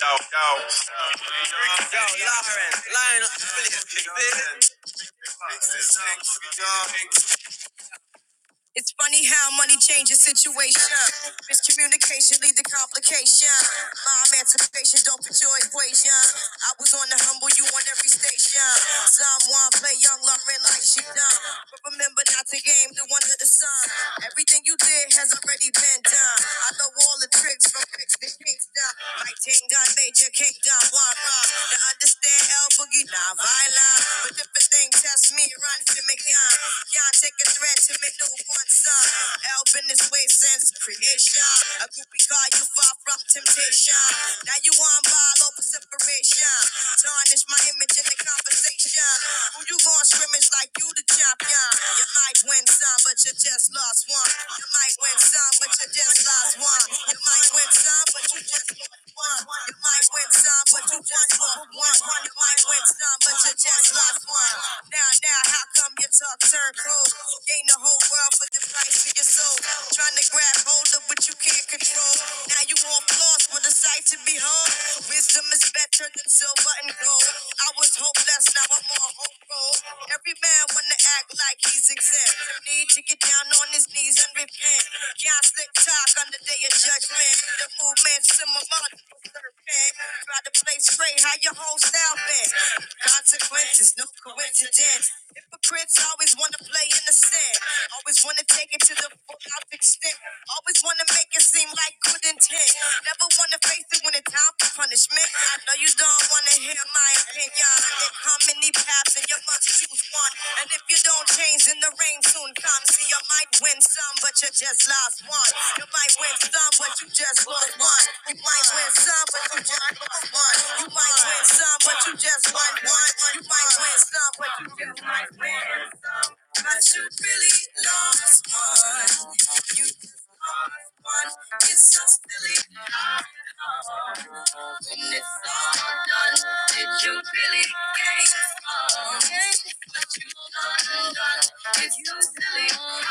Yo, yo, yo, Lauren, Lionel, Billy, Big, Six, it's funny how money changes situation. Miscommunication lead to complication. My emancipation don't fit your equation. I was on the humble, you on every station. Someone play young Lauren like she done. But remember not to game the one of the sun. Everything you did has already been done. I know all the tricks from tricks to Kingston. My ting done major king kingdom, one rock. To understand El Boogie, not violent. But if it's Thing test me, run to me, young. Y'all take a threat to me, newborn son. Help in this way since creation. A groupie call you far from temptation. Now you on ball, open separation. Tarnish my image in the conversation. Who you going scrimmage like you the champion? You might win some, but you just lost one. You might win some, but you just lost one. You might win some, but you just lost one one. Your life went some, but you just lost one. Your life went some, but you just lost one. Now, now, how come your talk turned cold? Gain the whole world for the price of your soul. Trying to grab hold of what you can't control. Now you all lost with a sight to behold. Wisdom is better than silver and gold. I was hopeless, now I'm on hope roll. Every man wanna act like like he's exempt. Need to get down on his knees and repent. Can't slick talk on the day of judgment. The movement's similar to the serpent. Try to play straight, how your whole style bent. Consequences, no coincidence. Hypocrites always want to play innocent. Always want to take it to the full out extent. Always want to make it seem like good intent. Never want to face places when it's time for punishment. I know you don't wanna hear my opinion. How many paths and you must choose one? And if you don't change, then the rain soon comes. See, you might win some, but you just lost one. You might win some, but you just lost one. You might win some, but you just lost one. You might win some, but you just won one. You might win some, but you just might win some. But you really lost one. You just lost one. It's so silly. When it's all done, did you really gain some? What you done, done, it's so silly.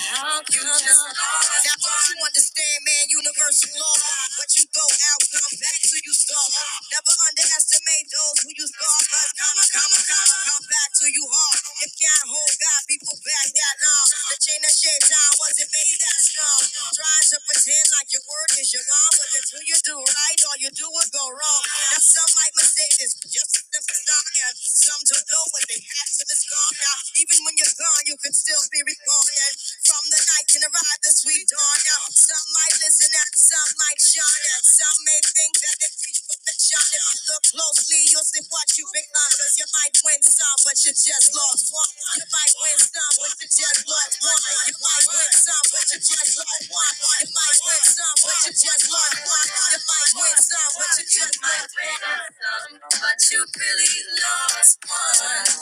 You just now don't you understand, man, universal law. What you throw out, come back to you start. Never underestimate those who you scar, 'cause Cause comma, comma, comma, come back to you hard. If can't hold God, people back that long. The chain that shaped down wasn't made that strong. Trying to pretend like your word is your law, but until you do right, all you do is go wrong. Now some might mistake this just as simple stock, and some don't know what they have till it's gone. Now even when you're gone gone, you can still be reborn. And from the night can arrive the sweet dawn. Now, some might listen and some might shine. And some may think that they reach perfection. If you look closely, you'll see what you become. Cause you might win some, but you just lost one. You might win some, but you just lost one. You might win some, but you just lost one. You might win some, but you just lost one. You might win some, but you just lost one. You might win some, but you really lost one.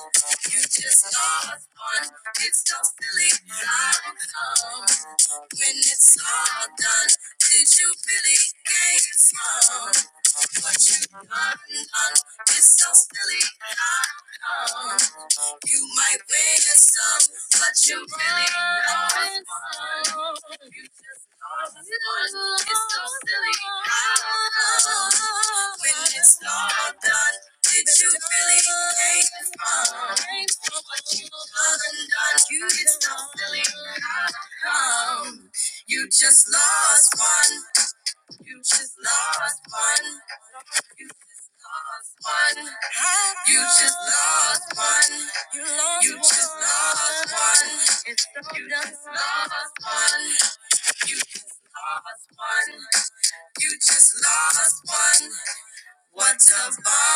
You just know it's fun. It's so silly how come when it's all done, did you really gain from what you've done? It's so silly how come you might win some, but you really lost one. It's so silly. When it's all done, did you really take the fun? For What you undone, you get so silly. How You just lost one. You just lost one. You just lost one. You just lost one. You just lost one. What's a bum?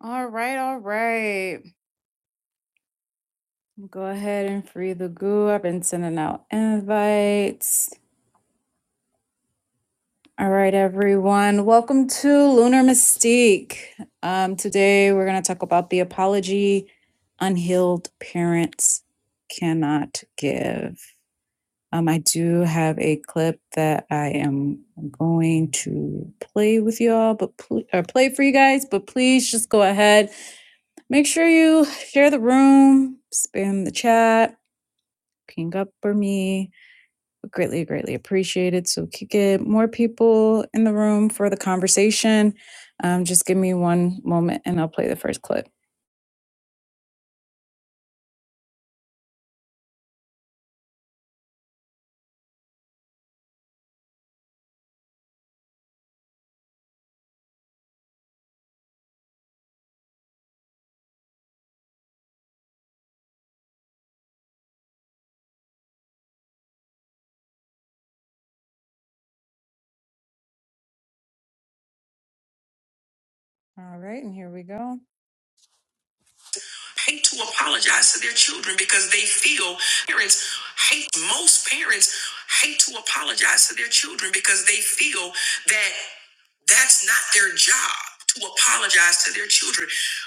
All right, all right. Go ahead and free the goo. I've been sending out invites. All right, everyone. Welcome to Lunar Mystique. Um, today, we're going to talk about the apology unhealed parents cannot give. Um, I do have a clip that I am going to play with y'all, but pl- or play for you guys. But please just go ahead. Make sure you share the room, spam the chat, ping up for me Greatly, greatly appreciated. So we could get more people in the room for the conversation. Um, just give me one moment and I'll play the first clip. All right, and here we go. hate to apologize to their children because they feel parents hate most parents hate to apologize to their children because they feel that that's not their job to apologize to their children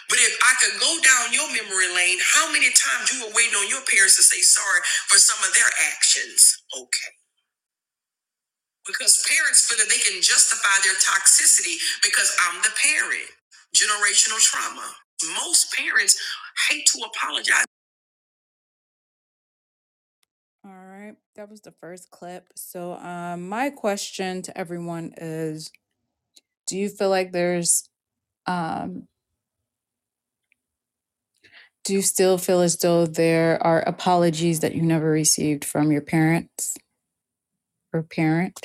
but if i could go down your memory lane how many times you were waiting on your parents to say sorry for some of their actions okay because parents feel that they can justify their toxicity because i'm the parent generational trauma most parents hate to apologize All right, that was the first clip. So, um, my question to everyone is Do you feel like there's, um, do you still feel as though there are apologies that you never received from your parents or parent?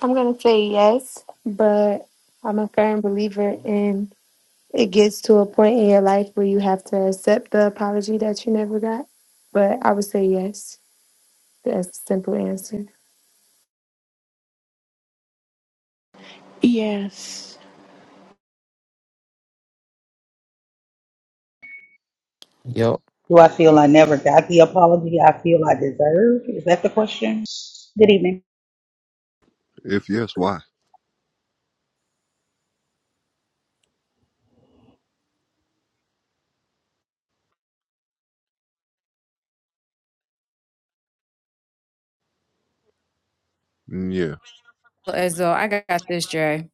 I'm going to say yes, but I'm a firm believer in it gets to a point in your life where you have to accept the apology that you never got. But I would say yes. That's the simple answer. Yes. Yep. Do I feel I never got the apology I feel I deserve? Is that the question? Good evening. If yes, why? Mm, Yeah. As though I got this, Jay.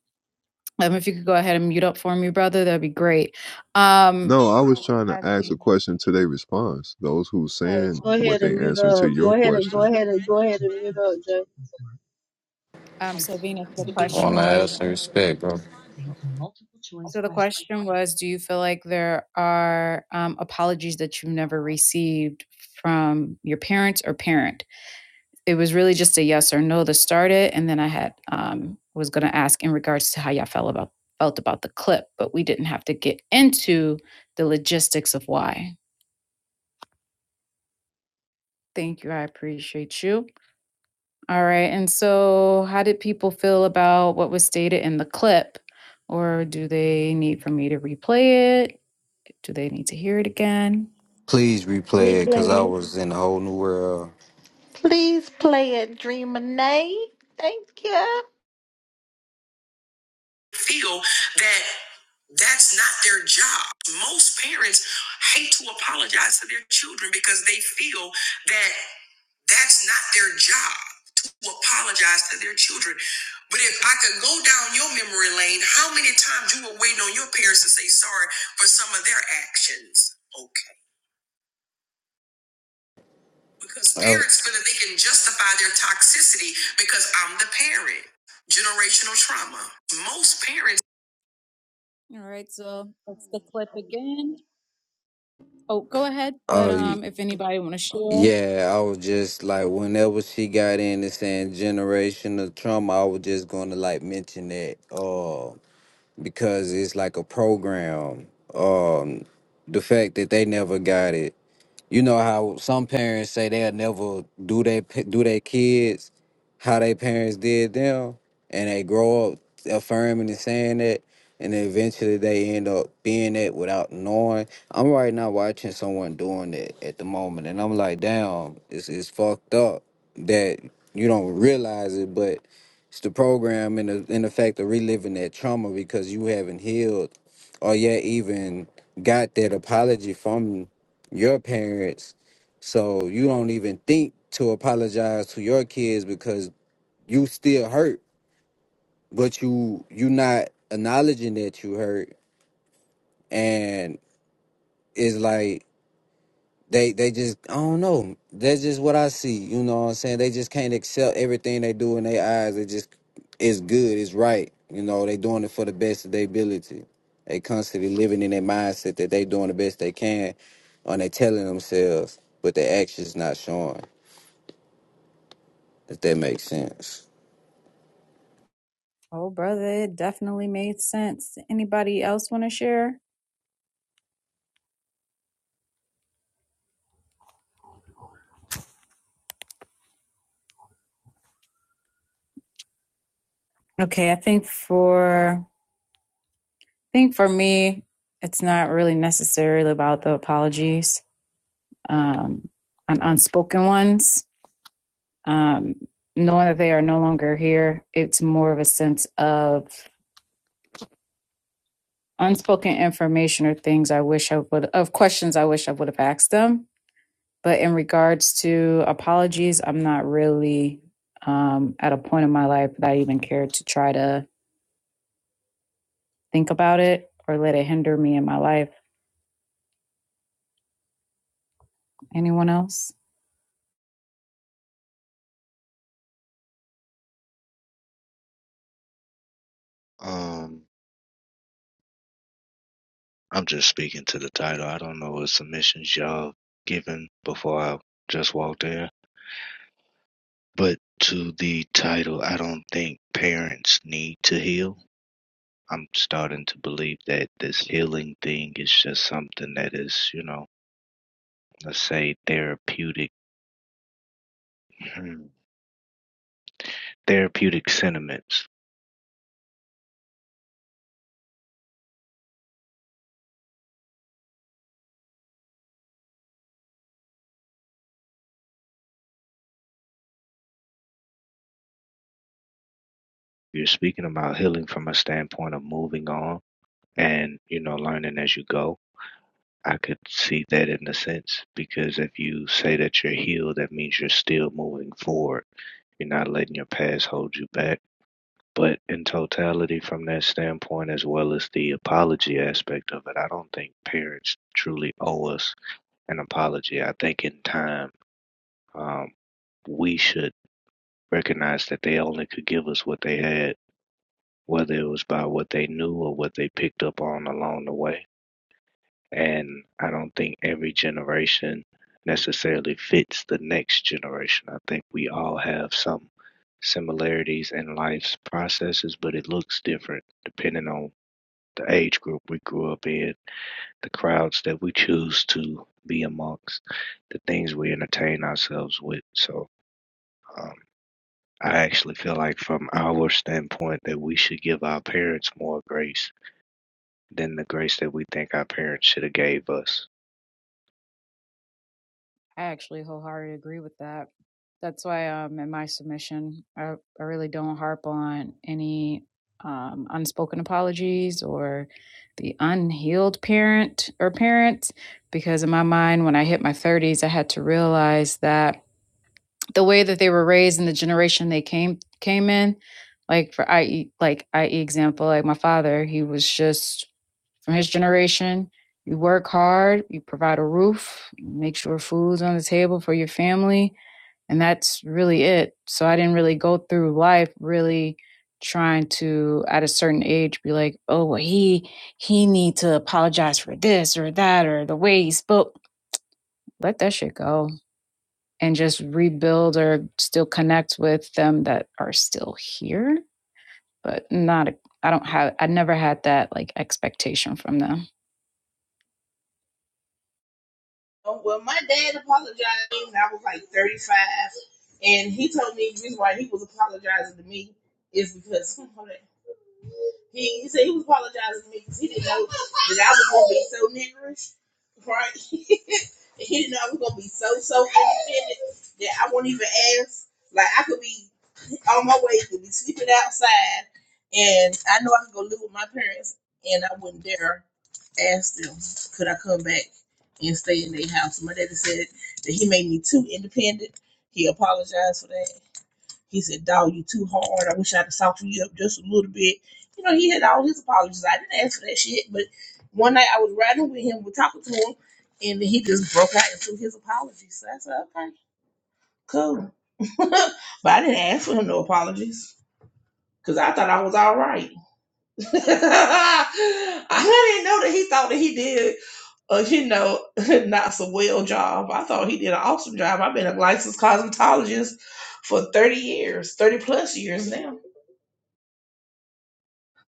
Um, if you could go ahead and mute up for me, brother, that'd be great. Um, No, I was trying to ask a question to their response. Those who Hey, saying go what ahead they and mute answering to up. your and go question. ahead and go up, Jay. um, so Venus, the question want to have was. some respect, bro. So the question was, do you feel like there are um, apologies that you've never received from your parents or parent? It was really just a yes or no to start it, and then I had um, was going to ask in regards to how y'all felt about felt about the clip, but we didn't have to get into the logistics of why. Thank you, I appreciate you. All right, and so how did people feel about what was stated in the clip, or do they need for me to replay it? Do they need to hear it again? Please replay it because I Replay. was in a whole new world. Please play it, Dreaminate. Thank you. feel that that's not their job. Most parents hate to apologize to their children because they feel that that's not their job to apologize to their children. But if I could go down your memory lane, how many times you were waiting on your parents to say sorry for some of their actions? Okay. Because I, parents feel that they can justify their toxicity because I'm the parent. Generational trauma. Most parents All right, so that's the clip again. Oh, go ahead, but uh, um, if anybody want to share. yeah, I was just like, whenever she got in and saying generational trauma, I was just going to like mention that uh, because it's like a program. Um, the fact that they never got it. you know how some parents say they'll never do they do their kids how their parents did them, and they grow up affirming and saying that, and then eventually they end up being that without knowing. I'm right now watching someone doing that at the moment, and I'm like, damn, it's it's fucked up that you don't realize it, but it's the program and the, and the fact of reliving that trauma because you haven't healed or yet even got that apology from your parents. So you don't even think to apologize to your kids because you still hurt, but you you not acknowledging that you hurt and it's like they they just I don't know. That's just what I see. You know what I'm saying? They just can't accept everything they do in their eyes. It just it's good, it's right. You know, they doing it for the best of their ability. They constantly living in their mindset that they doing the best they can and they telling themselves, but their actions not showing. if that makes sense. Oh, brother, it definitely made sense. Anybody else want to share? Okay, I think for I think for me, it's not really necessarily about the apologies, um, and unspoken ones. Um, knowing that they are no longer here, it's more of a sense of unspoken information or things I wish I would of questions I wish I would have asked them But in regards to apologies, I'm not really um, at a point in my life that I even care to try to think about it or let it hinder me in my life. Anyone else? Um, I'm just speaking to the title. I don't know what submissions y'all given before I just walked in. But to the title, I don't think parents need to heal. I'm starting to believe that this healing thing is just something that is, you know, let's say therapeutic, hmm, therapeutic sentiments. You're speaking about healing from a standpoint of moving on and, you know, learning as you go I could see that in a sense because if you say that you're healed, that means you're still moving forward. You're not letting your past hold you back. But in totality, from that standpoint, as well as the apology aspect of it, I don't think parents truly owe us an apology. I think in time, um, we should recognize that they only could give us what they had, whether it was by what they knew or what they picked up on along the way. And I don't think every generation necessarily fits the next generation. I think we all have some similarities in life's processes, but it looks different depending on the age group we grew up in, the crowds that we choose to be amongst, the things we entertain ourselves with. So, um, I actually feel like, from our standpoint, that we should give our parents more grace than the grace that we think our parents should have gave us. I actually wholeheartedly agree with that. That's why um, in my submission, I, I really don't harp on any um, unspoken apologies or the unhealed parent or parents, because in my mind, when I hit my 30s, I had to realize that the way that they were raised and the generation they came came in like for i E, like I, e example like my father he was just from his generation you work hard you provide a roof you make sure food's on the table for your family and that's really it so i didn't really go through life really trying to at a certain age be like oh well he he need to apologize for this or that or the way he spoke let that shit go and just rebuild or still connect with them that are still here, but not, I don't have, I never had that like expectation from them. Um, Well, my dad apologized to me when I was like 35, and he told me the reason why he was apologizing to me is because he, he said he was apologizing to me because he didn't know that I was going to be so niggerish, right? he didn't know I was going to be so, so independent that I won't even ask. Like, I could be on my way, could be sleeping outside, and I know I could go live with my parents, and I wouldn't dare asked them, could I come back and stay in their house? My daddy said that he made me too independent. He apologized for that. He said, dog, you too hard. I wish I'd have softened you up just a little bit. You know, he had all his apologies. I didn't ask for that shit. But one night I was riding with him, we're talking to him, and then he just broke out into his apologies. So I said, okay, cool. but I didn't ask for him no apologies because I thought I was all right. I didn't know that he thought that he did uh, you know, not so well job. I thought he did an awesome job. I've been a licensed cosmetologist for thirty years, thirty plus years now.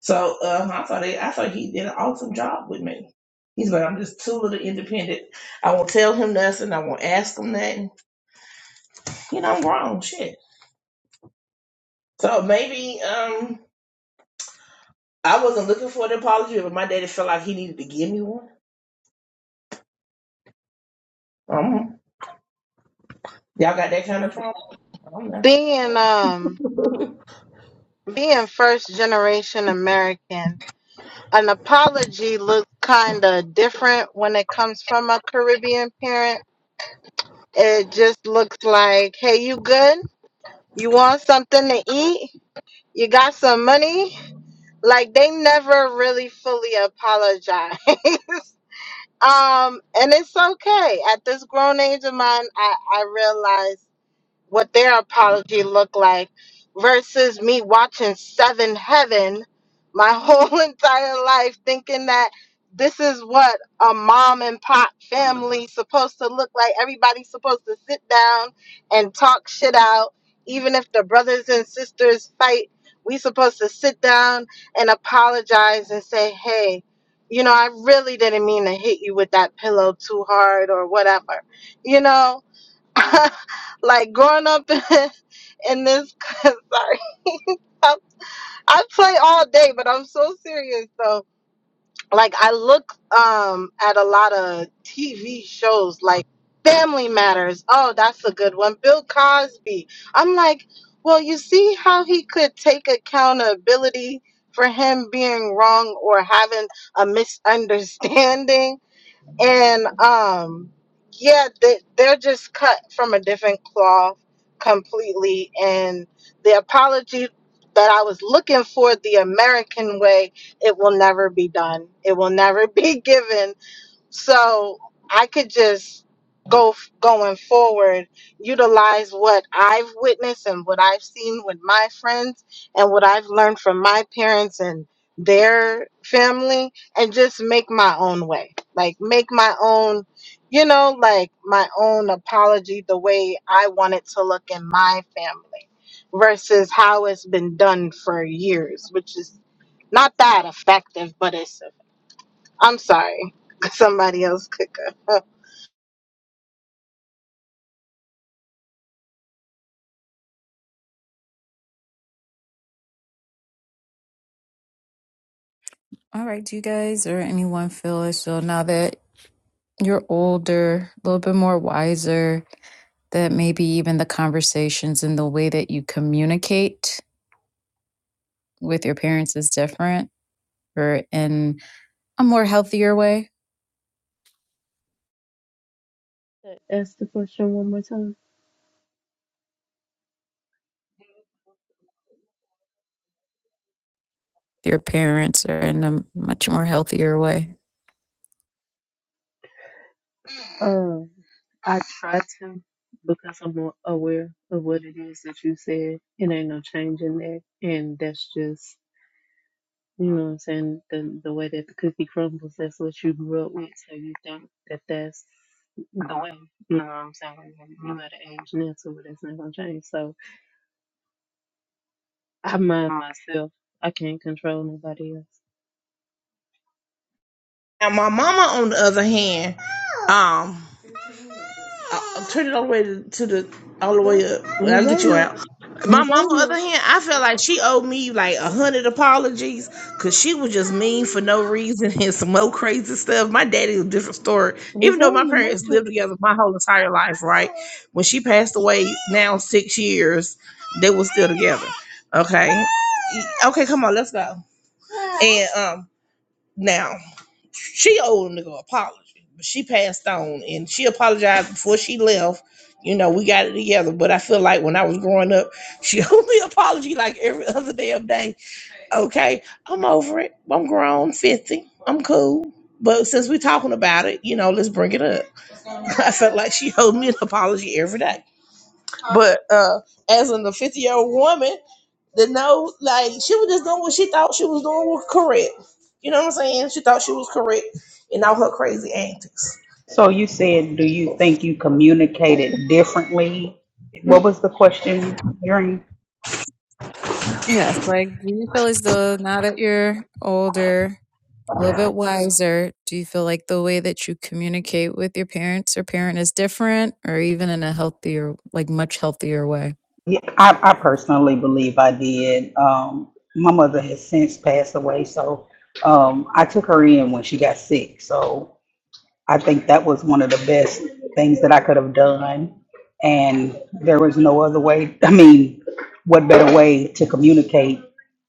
So uh, I thought he, I thought he did an awesome job with me. He's like, I'm just too little independent. I won't tell him nothing. I won't ask him nothing. You know, I'm grown, shit. So maybe um, I wasn't looking for an apology, but my daddy felt like he needed to give me one. Um, y'all got that kind of Thank you. trauma? I don't know. being um being first generation American, an apology looks kind of different when it comes from a Caribbean parent. It just looks like, "Hey, you good? You want something to eat? You got some money?" Like they never really fully apologize. um, and it's okay. At this grown age of mine, I I realize. what their apology looked like versus me watching Seven Heaven my whole entire life thinking that this is what a mom and pop family supposed to look like. Everybody's supposed to sit down and talk shit out. Even if the brothers and sisters fight, we supposed to sit down and apologize and say, hey, you know, I really didn't mean to hit you with that pillow too hard or whatever. You know, like growing up in, this sorry I, I play all day but i'm so serious though like i look um at a lot of tv shows like family matters oh that's a good one bill cosby i'm like well you see how he could take accountability for him being wrong or having a misunderstanding and um yeah they, they're just cut from a different cloth completely and the apology that i was looking for the american way it will never be done it will never be given so I could just go f- going forward, utilize what I've witnessed and what I've seen with my friends and what I've learned from my parents and their family and just make my own way. Like make my own, you know, like my own apology the way I want it to look in my family versus how it's been done for years, which is not that effective, but it's I'm sorry. Somebody else could go. All right, do you guys or anyone feel as though now that you're older, a little bit more wiser, that maybe even the conversations and the way that you communicate with your parents is different or in a more healthier way. Ask the question one more time. Your parents are in a much more healthier way. Um, I try to because I'm more aware of what it is that you said. It ain't no change in that, and that's just you know what I'm saying. The the way that the cookie crumbles, that's what you grew up with, so you think that that's the way. You know what I'm saying? You got an age now, so that's not gonna change. So I mind myself. I can't control nobody else. Now, my mama, on the other hand, um, I'll, turn it all the way to, to the all the Was way that? up. When Was I get that? you no? out. My Was mom, I on in the other the hand, I felt like she owed me like a hundred apologies because she was just mean for no reason and some old crazy stuff. My daddy was a different story. was Even I though my in the parents lived Matrix? together my whole entire life, right? When she passed away, now six years, they were still together. Okay, okay, come on, let's go. And um, now. She owed him to go apology, but she passed on and she apologized before she left. You know, we got it together, but I feel like when I was growing up, she owed me an apology like every other damn day. Okay, I'm over it. I'm grown, 50. I'm cool. But since we're talking about it, you know, let's bring it up. I felt like she owed me an apology every day. But uh, as in the 50 year old woman, the no, like she was just doing what she thought she was doing was correct. You know what I'm saying? She thought she was correct in all her crazy antics. So you said, do you think you communicated differently? What was the question, Yuri? Yes, like do you feel as though now that you're older a little bit wiser. Do you feel like the way that you communicate with your parents or parent is different or even in a healthier, like much healthier way? Yeah, I, I personally believe I did. Um, my mother has since passed away, so um, I took her in when she got sick. So I think that was one of the best things that I could have done. And there was no other way. I mean, what better way to communicate?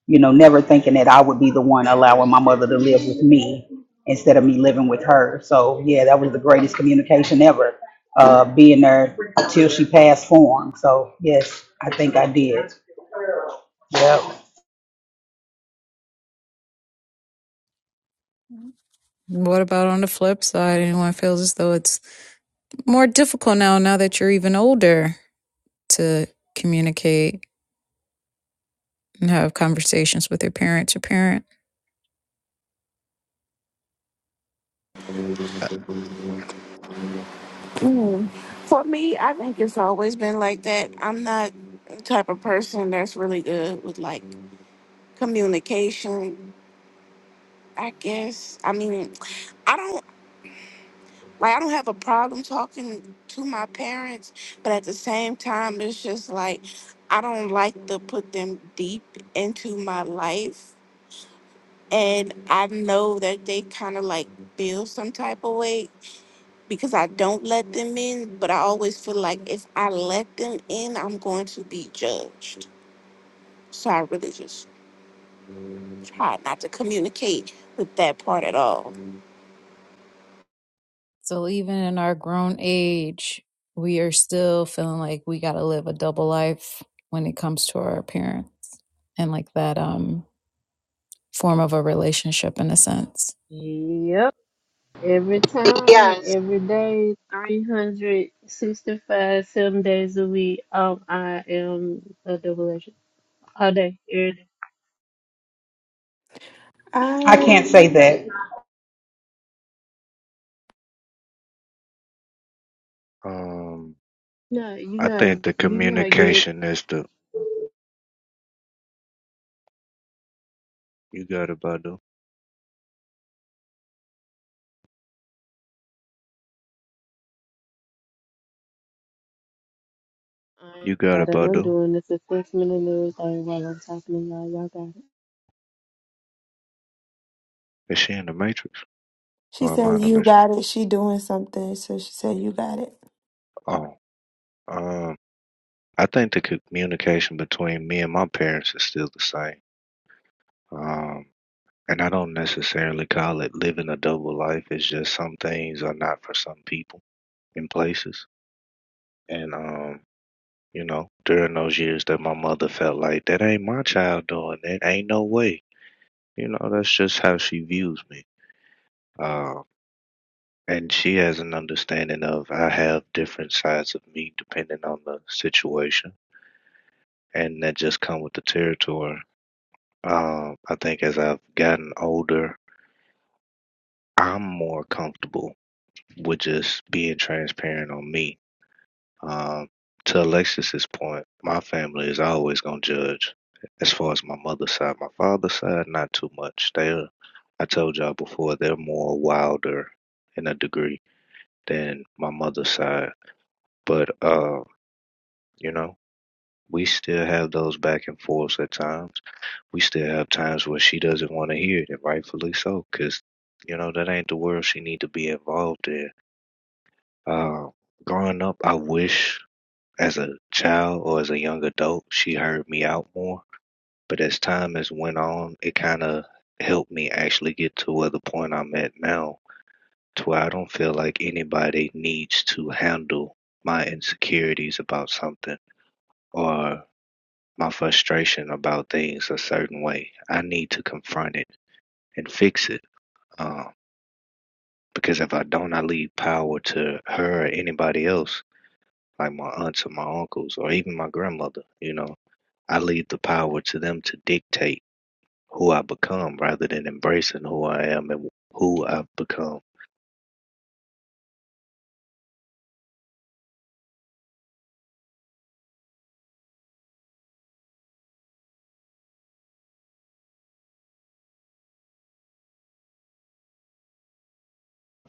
You know, never thinking that I would be the one allowing my mother to live with me instead of me living with her. So, yeah, that was the greatest communication ever, uh, being there till she passed form. So, yes, I think I did. Yep. What about on the flip side? Anyone feels as though it's more difficult now, now that you're even older to communicate and have conversations with your parents or parent? For me, I think it's always been like that. I'm not the type of person that's really good with like communication, I guess. I mean, I don't like I don't have a problem talking to my parents, but at the same time it's just like I don't like to put them deep into my life. And I know that they kind of like feel some type of way. because I don't let them in, but I always feel like if I let them in, I'm going to be judged. So I really just try not to communicate with that part at all. So even in our grown age, we are still feeling like we got to live a double life when it comes to our parents and like that um form of a relationship in a sense. Yep. Every time, yes. every day, 365, seven days a week, um, I am a double agent. All day, every day. I I. can't say that Um, No, you're I not, you're think the not getting communication is the you got it, Badu. um, You got it, that I'm Badu. doing this assessment and everything while I'm talking to y'all. Y'all got Is she in the Matrix She or am I in said the you Matrix? got it. She doing something, so she said you got it. Oh, um, I think the communication between me and my parents is still the same. Um, and I don't necessarily call it living a double life. It's just some things are not for some people and places. And um, you know, during those years that my mother felt like that ain't my child doing it, ain't no way. You know, that's just how she views me. Um. And she has an understanding of I have different sides of me depending on the situation, and that just come with the territory. Um, I think as I've gotten older, I'm more comfortable with just being transparent on me. Um, to Alexis's point, my family is always gonna judge. As far as my mother's side, my father's side, not too much. They're, I told y'all before, they're more wilder in a degree than my mother's side. But uh, You know, we still have those back and forths at times. We still have times where she doesn't want to hear it, and rightfully so, because you know that ain't the world she need to be involved in. Uh, growing up, I wish as a child or as a young adult she heard me out more. But as time has went on, it kind of helped me actually get to where the point I'm at now, to where I don't feel like anybody needs to handle my insecurities about something or My frustration about things a certain way, I need to confront it and fix it. Um, because if I don't, I leave power to her or anybody else, like my aunts or my uncles or even my grandmother. You know, I leave the power to them to dictate who I become rather than embracing who I am and who I've become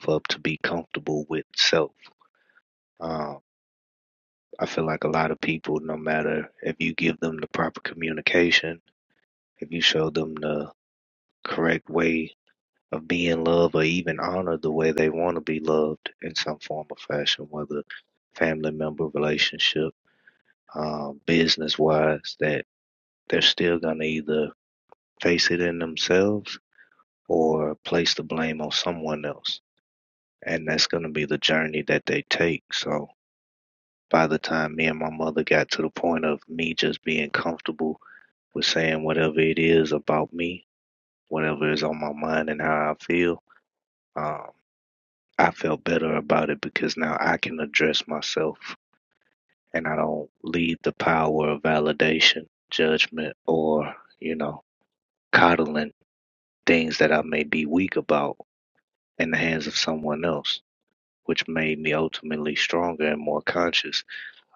for to be comfortable with self. Um, I feel like a lot of people, no matter if you give them the proper communication, if you show them the correct way of being loved or even honored the way they want to be loved in some form or fashion, whether family member relationship, um, business wise, that they're still going to either face it in themselves or place the blame on someone else. And that's going to be the journey that they take. So by the time me and my mother got to the point of me just being comfortable with saying whatever it is about me, whatever is on my mind and how I feel, um, I felt better about it because now I can address myself and I don't leave the power of validation, judgment, or, you know, coddling things that I may be weak about in the hands of someone else, which made me ultimately stronger and more conscious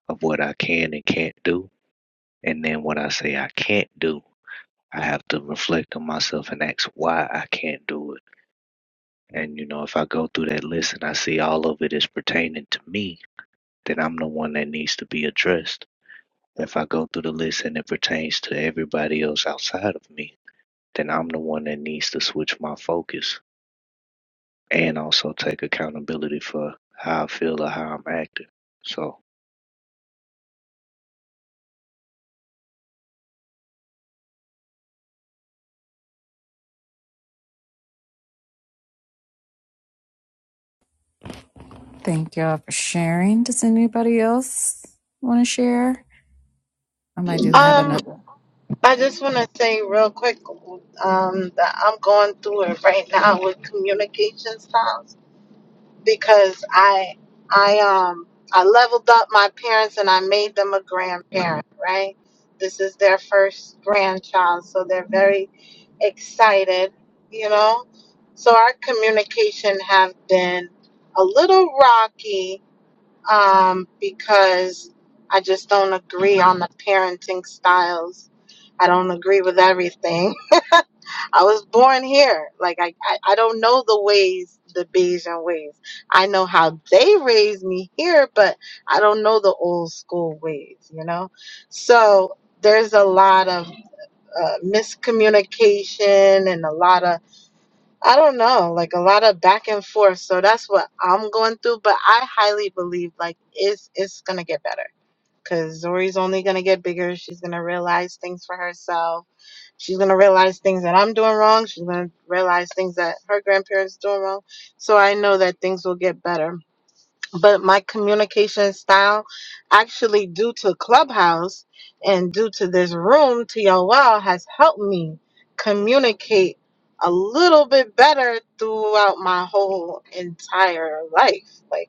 of what I can and can't do. And then when I say I can't do, I have to reflect on myself and ask why I can't do it. And, you know, if I go through that list and I see all of it is pertaining to me, Then I'm the one that needs to be addressed. If I go through the list and it pertains to everybody else outside of me, then I'm the one that needs to switch my focus and also take accountability for how I feel or how I'm acting. So, Thank y'all for sharing. Does anybody else want to share? Um, I do have Um, another. I just want to say real quick um, that I'm going through it right now with communication styles because I, I, um, I leveled up my parents and I made them a grandparent. Right. This is their first grandchild, so they're very excited. You know. So our communication have been a little rocky um, because I just don't agree on the parenting styles. I don't agree with everything. I was born here. Like, I, I, I don't know the ways, the Bayesian ways. I know how they raised me here, but I don't know the old school ways, you know? So there's a lot of uh, miscommunication and a lot of I don't know, like a lot of back and forth. So that's what I'm going through. But I highly believe like it's it's gonna get better because Zori's only gonna get bigger. She's gonna realize things for herself. She's gonna realize things that I'm doing wrong. She's gonna realize things that her grandparents doing wrong. So I know that things will get better but my communication style actually due to clubhouse and due to this room to your well has helped me communicate a little bit better throughout my whole entire life like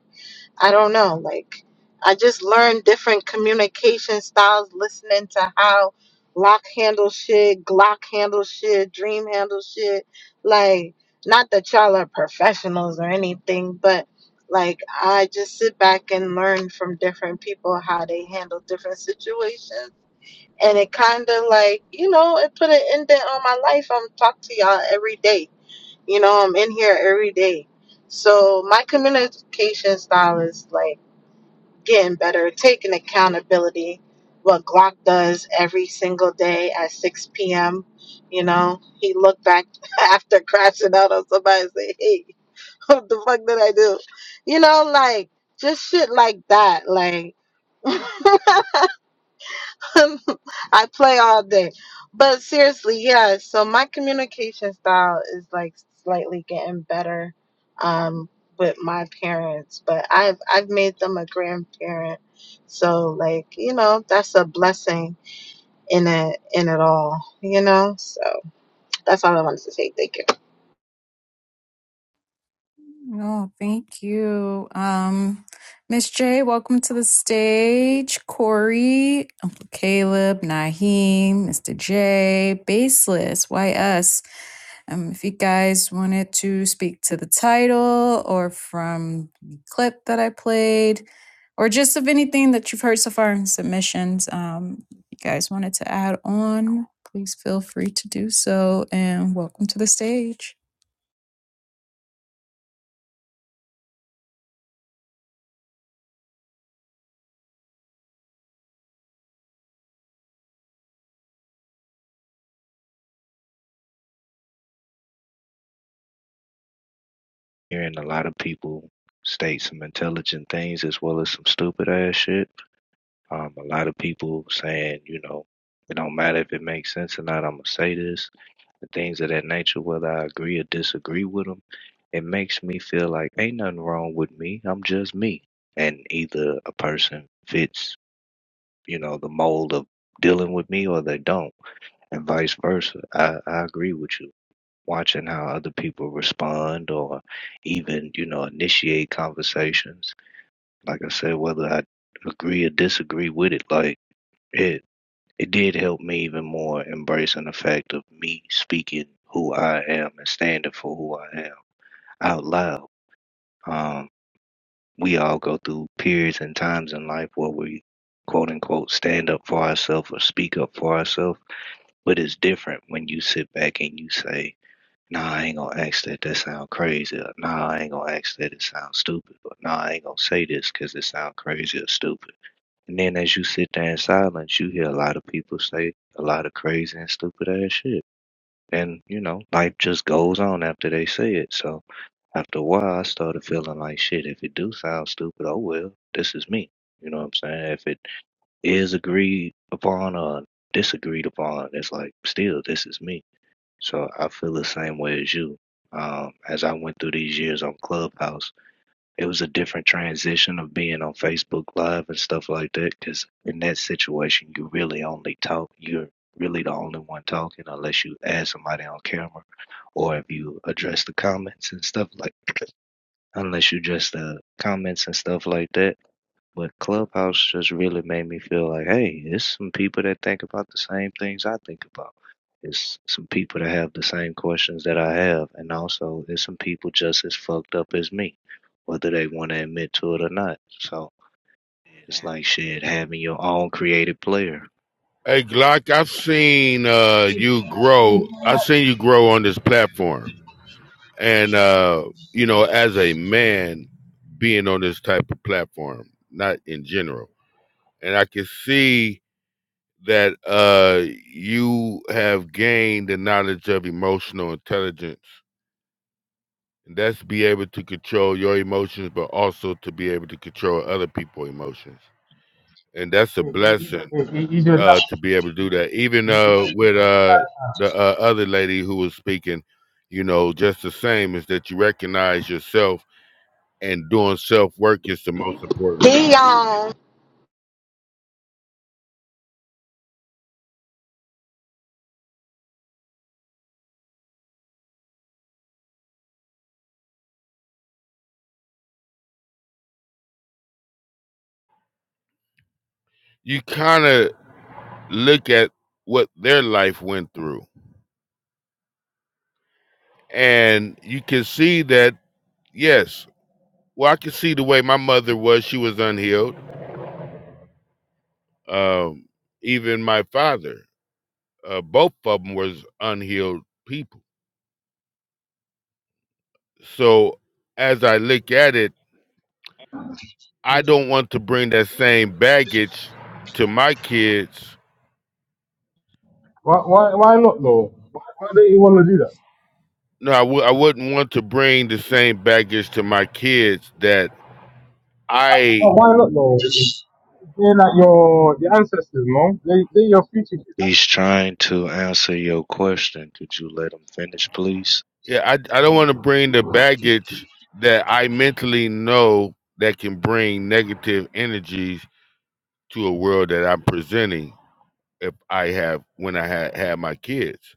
I don't know. Like, I just learned different communication styles listening to how Lock handles shit, Glock handles shit, Dream handles shit. Like, not that y'all are professionals or anything, but like, I just sit back and learn from different people how they handle different situations. And it kind of like, you know, it put an indent on my life. I'm talking to y'all every day. You know, I'm in here every day. So my communication style is like, getting better, taking accountability. What Glock does every single day at 6 p.m. You know, he looked back after crashing out on somebody and say, hey, what the fuck did I do? You know, like just shit like that. Like, I play all day. But seriously, yeah, so my communication style is like slightly getting better um with my parents, but I've I've made them a grandparent. So like, you know, that's a blessing in it in it all, you know? So that's all I wanted to say. Thank you. No, thank you. Um, Miss J, welcome to the stage. Corey, Uncle Caleb, Naheem, Mr. J, Baseless, why us? Um, if you guys wanted to speak to the title or from the clip that I played, or just of anything that you've heard so far in submissions, um, if you guys wanted to add on, please feel free to do so. And welcome to the stage. hearing a lot of people state some intelligent things as well as some stupid ass shit, Um, a lot of people saying, you know, it don't matter if it makes sense or not. I'm gonna say this, and things of that nature, whether I agree or disagree with them. It makes me feel like ain't nothing wrong with me. I'm just me, and either a person fits, you know, the mold of dealing with me, or they don't, and vice versa. I, I agree with you. Watching how other people respond, or even you know, initiate conversations. Like I said, whether I agree or disagree with it, like. yeah, it did help me even more embracing the fact of me speaking who I am and standing for who I am out loud. Um, we all go through periods and times in life where we quote unquote stand up for ourselves or speak up for ourselves, but it's different when you sit back and you say, Nah, I ain't gonna ask that. That sound crazy. Or, nah, I ain't gonna ask that. It sounds stupid. Or, nah, I ain't gonna say this because it sounds crazy or stupid and then as you sit there in silence, you hear a lot of people say a lot of crazy and stupid ass shit. And, you know, life just goes on after they say it. So after a while, I started feeling like shit. If it do sound stupid, oh well, this is me. You know what I'm saying? If it is agreed upon or disagreed upon, it's like still this is me. So I feel the same way as you. Um, as I went through these years on Clubhouse, it was a different transition of being on Facebook Live and stuff like that. Because in that situation, you really only talk. You're really the only one talking, unless you add somebody on camera, or if you address the comments and stuff like. Unless you address the comments and stuff like that. But Clubhouse just really made me feel like, hey, it's some people that think about the same things I think about. It's some people that have the same questions that I have, and also it's some people just as fucked up as me, whether they want to admit to it or not. So it's like shit, having your own creative player. Hey Glock, I've seen uh, you grow. I've seen you grow on this platform, and uh, you know, as a man, being on this type of platform, not in general, and I can see that uh, you have gained the knowledge of emotional intelligence. And that's be able to control your emotions, but also to be able to control other people's emotions, and that's a blessing. He, he, he did uh, to be able to do that. Even He- uh, he- with uh, the uh, other lady who was speaking, you know, just the same is that you recognize yourself and doing self work is the most important. Dion. You kind of look at what their life went through, and you can see that, yes, well, I can see the way my mother was, she was unhealed. Um, even my father, uh, both of them was unhealed people. So as I look at it, I don't want to bring that same baggage to my kids. Why, why, why not though? Why, why don't you want to do that? No, I w- I wouldn't want to bring the same baggage to my kids that No, I why not though? They're like your your ancestors, no? They they your future kids. He's trying to answer your question. Could you let him finish, please? yeah, I, I don't want to bring the baggage that I mentally know that can bring negative energies to a world that I'm presenting if I have when I had had my kids.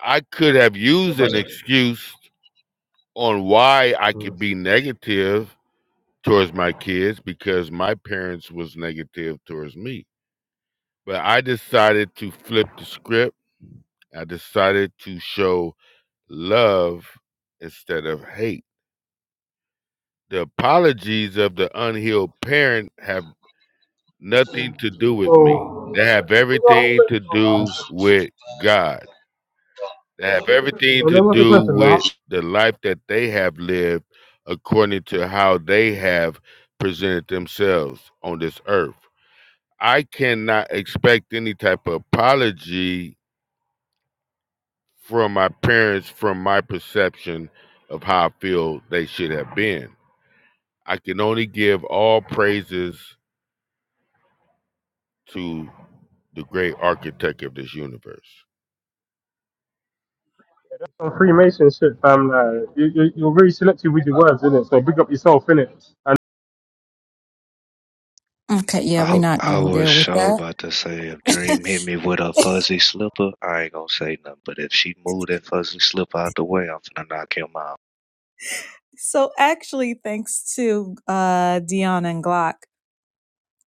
I could have Yeah, used but- an excuse on why I Mm. could be negative towards my kids because my parents was negative towards me. But I decided to flip the script. I decided to show love instead of hate. The apologies of the unhealed parent have nothing to do with me. So, They have so everything to do with God. They have everything to there was a do question. Like, with the life that they have lived according to how they have presented themselves on this earth. I cannot expect any type of apology from my parents from my perception of how I feel they should have been. I can only give all praises to the great architect of this universe. some Freemason shit, fam. Like, you, you, you're very selective with your words, innit? So big up yourself, innit? Okay, yeah, we're I not I going to was deal with so about to say if that. Dream hit me with a fuzzy slipper, I ain't gonna say nothing. But if she move that fuzzy slipper out the way, I'm finna knock him out. So, actually, thanks to uh, Dion and Glock,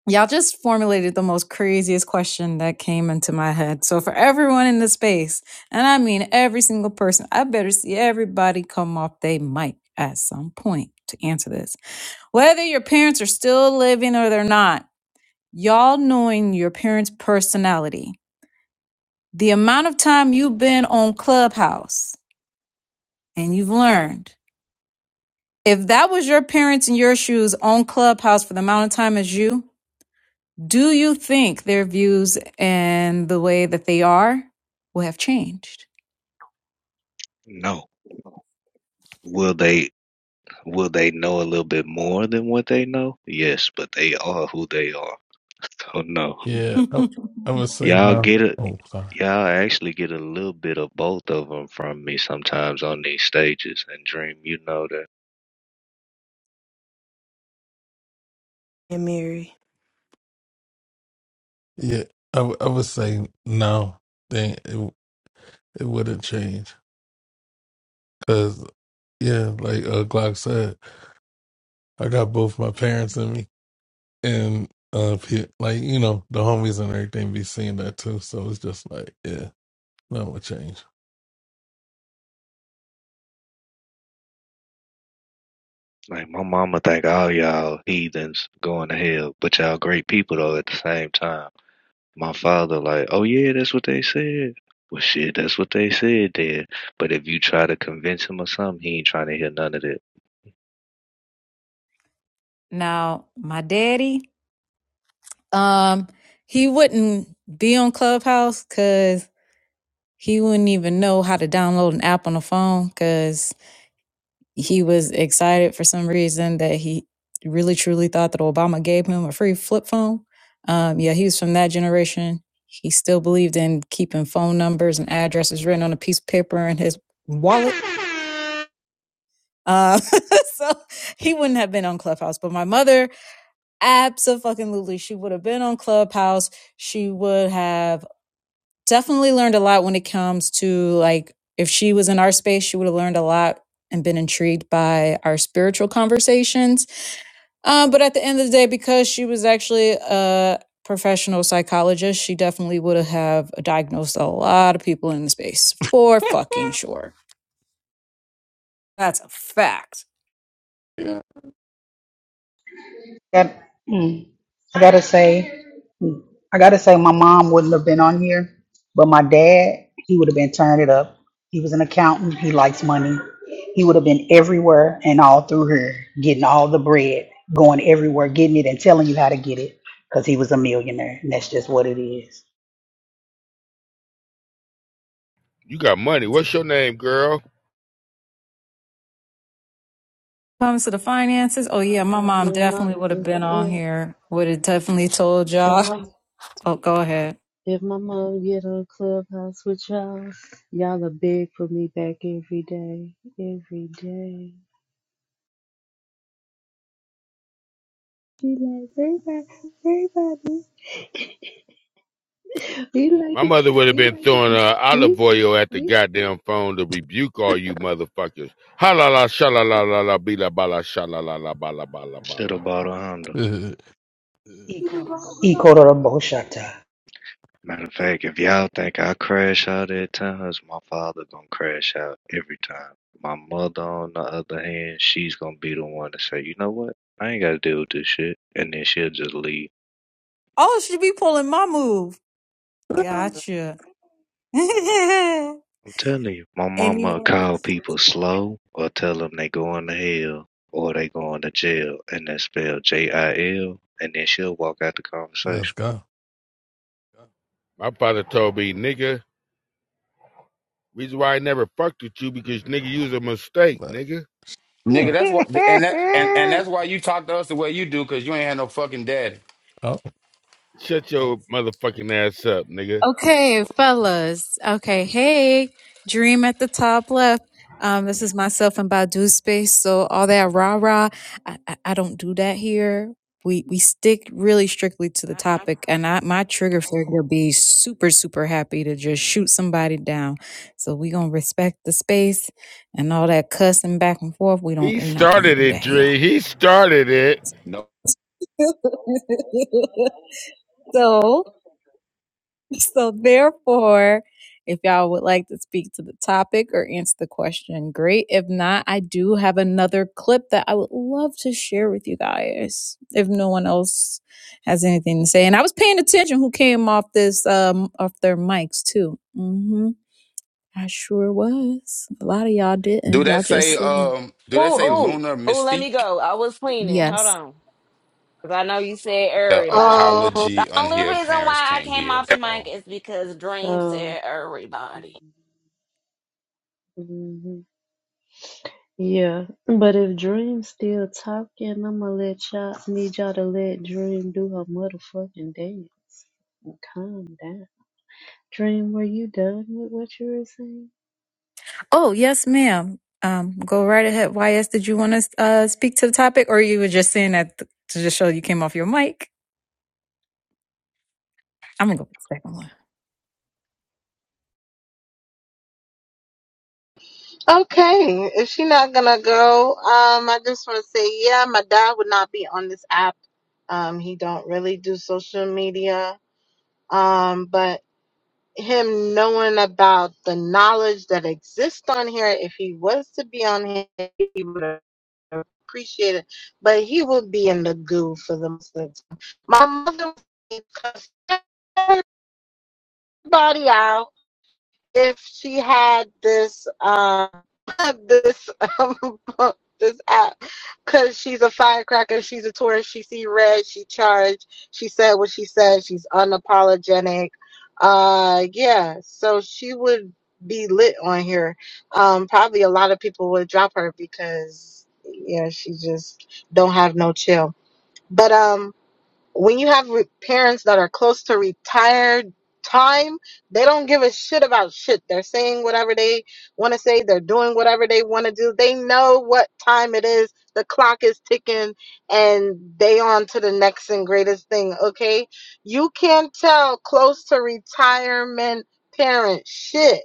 y'all just formulated the most craziest question that came into my head. So, for everyone in the space, and I mean every single person, I better see everybody come off they mic at some point to answer this. Whether your parents are still living or they're not, y'all knowing your parents' personality, the amount of time you've been on Clubhouse and you've learned, if that was your parents in your shoes on Clubhouse for the amount of time as you, do you think their views and the way that they are will have changed? No. Will they will they know a little bit more than what they know? Yes, but they are who they are. So no. Yeah, I, I would say Y'all no. get a Oh, sorry. y'all actually get a little bit of both of them from me sometimes on these stages. And Dream, you know that. And Mary. Yeah, I, would- I would say no. Then it it wouldn't change because yeah, like uh, Glock said, I got both my parents in me, and uh, pe- like you know the homies and everything be seeing that too. So it's just like yeah, nothing would change. Like my mama think all y'all heathens going to hell, but y'all great people though at the same time. My father, like, oh yeah, that's what they said. Well, shit, that's what they said then. But if you try to convince him or something, he ain't trying to hear none of that. now, my daddy, Um, he wouldn't be on Clubhouse because he wouldn't even know how to download an app on the phone because he was excited for some reason that he really truly thought that Obama gave him a free flip phone. Um, yeah, he was from that generation. He still believed in keeping phone numbers and addresses written on a piece of paper in his wallet. Uh, so he wouldn't have been on Clubhouse. But my mother, absolutely, she would have been on Clubhouse she would have definitely learned a lot when it comes to like if she was in our space she would have learned a lot and been intrigued by our spiritual conversations um, but at the end of the day because she was actually a professional psychologist she definitely would have diagnosed a lot of people in the space for fucking sure that's a fact Yeah, Got, mm, I gotta say, mm, I gotta say, my mom wouldn't have been on here, but my dad, he would have been turning it up. He was an accountant. He likes money. He would have been everywhere and all through here, getting all the bread, going everywhere, getting it, and telling you how to get it, because he was a millionaire, and that's just what it is. You got money. What's your name, girl? comes to the finances oh yeah my it. mom Uh, if my, definitely would have if, been on if, here would have definitely told if y'all my, oh go ahead if my mom get on Clubhouse with y'all, y'all are big for me back every day, every day. Be like, everybody, everybody, we like My it. mother would have been throwing uh, olive We oil at the goddamn phone to rebuke all you motherfuckers. Ha la la, sha la la la la, be la ba la, sha la la la, ba la ba la ba Should have bought a Honda. la. E Matter of fact, if y'all think I crash out at times, my father gonna crash out every time. My mother, on the other hand, she's gonna be the one to say, you know what? I ain't gotta deal with this shit. And then she'll just leave. Oh, she be pulling my move. Gotcha. I'm telling you, my mama will Anyone? call people slow or tell them they going to hell or they going to jail, and that's spelled J I L, and then she'll walk out the let's conversation. go. My father told me, nigga, Reason why I never fucked with you because nigga, you was a mistake, Let, nigga. Nigga, that's what and that and, and that's why you talk to us the way you do, cause you ain't had no fucking daddy. oh. Shut your motherfucking ass up, nigga. Okay, fellas. Okay, hey, Dream at the top left. Um, this is myself and Badu Space. So all that rah rah, I, I, I don't do that here. We we stick really strictly to the topic, and I my trigger finger be super super happy to just shoot somebody down. So we gonna respect the space and all that cussing back and forth. We don't He we not gonna started do it, that here. Dre. He started it. No. so So, therefore, if y'all would like to speak to the topic or answer the question, great. If not, I do have another clip that I would love to share with you guys if no one else has anything to say. And I was paying attention who came off this, um, off their mics too. hmm I sure was. A lot of y'all Do didn't. Y'all that just say sitting um do that Oh, there. say Mhm. oh, lunar oh, let me mystique? go. I was cleaning. Yes. Hold on. Because I know you said The everybody. Oh, The apology only unhealed reason parents why I can't came off the give. um, mic is because Dream so said everybody. mhm. yeah. But if Dream's still talking, I'ma let y'all need y'all to let Dream do her motherfucking dance. And calm down. Dream, were you done with what you were saying? Oh, yes, ma'am. Um, go right ahead. YS, did you want to uh, speak to the topic or you were just saying that th- to just show you came off your mic? I'm gonna go with the second one. Okay, if she's not gonna go, um, I just want to say, yeah, my dad would not be on this app. Um, he don't really do social media. Um, but him knowing about the knowledge that exists on here, if he was to be on here, he would appreciate it. But he would be in the goo for the most of the time. My mother would cuss everybody out if she had this um this um this app because she's a firecracker she's a tourist she see red she charged she said what she said she's unapologetic uh yeah so she would be lit on here um probably a lot of people would drop her because yeah she just don't have no chill but um when you have re- parents that are close to retired time, they don't give a shit about shit. They're saying whatever they want to say, they're doing whatever they want to do. They know what time it is. The clock is ticking and they on to the next and greatest thing, okay? You can't tell close to retirement parents shit.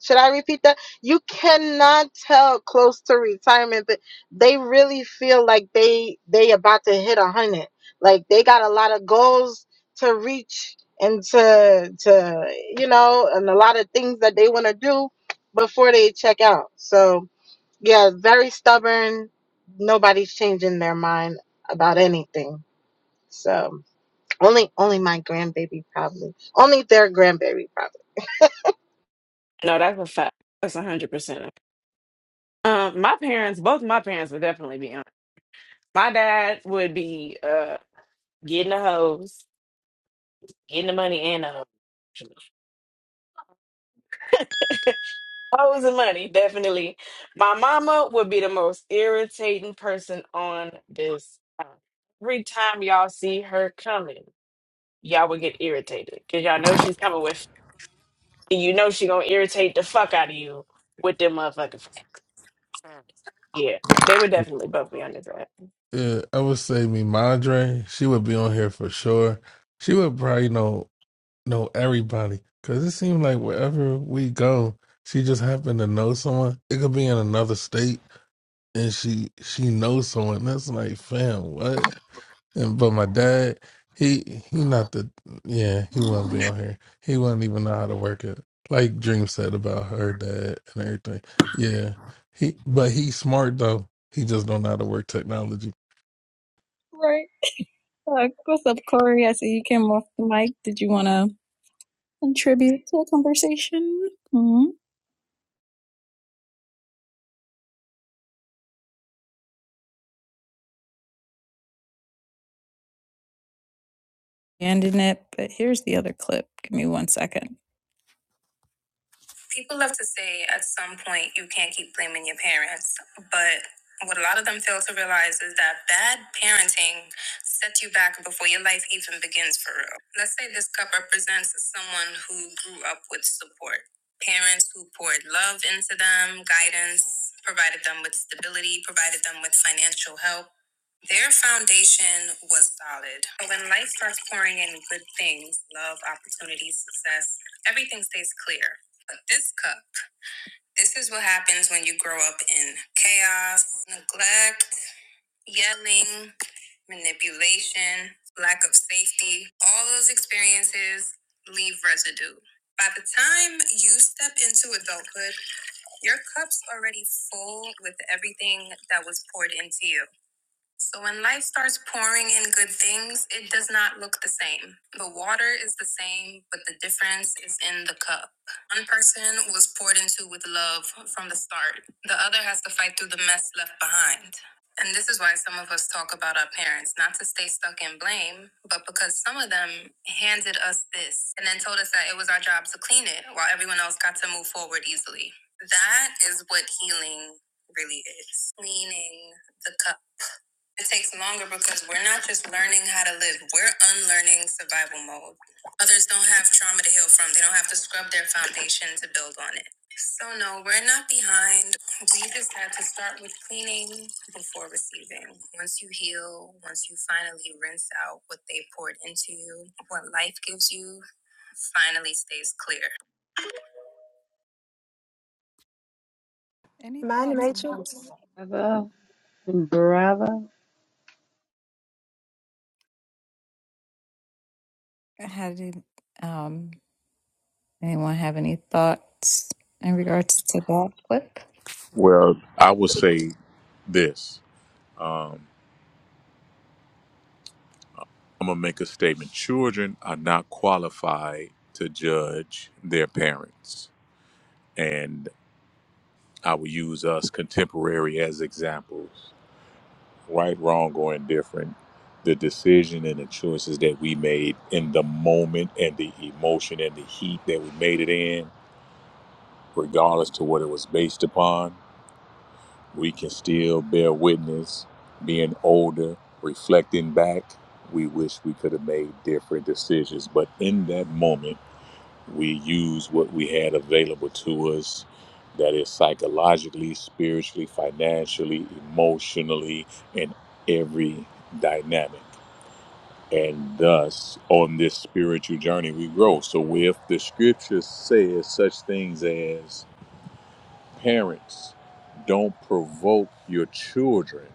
Should I repeat that? You cannot tell close to retirement but they really feel like they they about to hit a hundred. Like they got a lot of goals to reach and to to you know, and a lot of things that they want to do before they check out. So yeah, very stubborn. Nobody's changing their mind about anything. So only only my grandbaby probably. Only their grandbaby probably. No, that's a fact. That's a 100%. Um, my parents, both my parents would definitely be on. My dad would be uh getting a hose, getting the money and a hose. Hoes and money, definitely. My mama would be the most irritating person on this earth. Every time y'all see her coming, y'all would get irritated because y'all know she's coming with, and you know she gonna irritate the fuck out of you with them motherfucking friends. Yeah, they would definitely both be on this. Yeah, I would say me Madre. She would be on here for sure. She would probably know. know everybody because it seems like wherever we go she just happened to know someone it could be in another state and she she knows someone that's like fam what and but my dad he he not the yeah he wouldn't be on here he wouldn't even know how to work it like dream said about her dad and everything yeah he but he's smart though he just don't know how to work technology Right. Uh, what's up, Corey? I see you came off the mic. Did you want to contribute to the conversation? Mm-hmm. Ending it, but here's the other clip. Give me one second. People love to say. Any Am I in the thoughts in regards to Matrix? Bravo. Bravo. that? How did um, anyone have any thoughts in regards to that clip? Well, I would say this. Um, I'm going to make a statement. Children are not qualified to judge their parents. And I will use us contemporary as examples right, wrong, or indifferent. The decision and the choices that we made in the moment and the emotion and the heat that we made it in, regardless to what it was based upon. we can still bear witness being older reflecting back we wish we could have made different decisions but in that moment we use what we had available to us that is psychologically spiritually financially emotionally in every dynamic and thus on this spiritual journey we grow so if the scripture says such things as parents don't provoke your children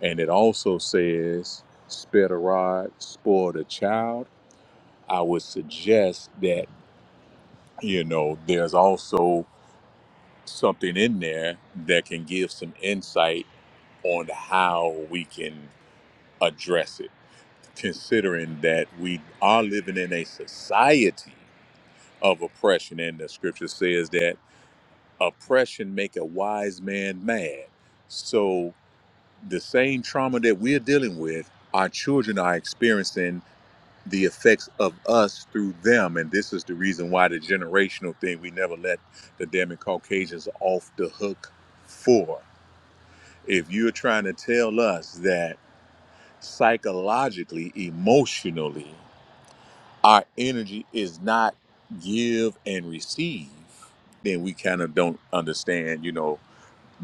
And it also says, spare the rod, spoil the child. I would suggest that, you know, there's also something in there that can give some insight on how we can address it, considering that we are living in a society of oppression. And the scripture says that oppression make a wise man mad. So the same trauma that we're dealing with, our children are experiencing the effects of us through them. And this is the reason why the generational thing we never let the damn Caucasians off the hook for. If you're trying to tell us that psychologically, emotionally, our energy is not give and receive, then we kind of don't understand, you know,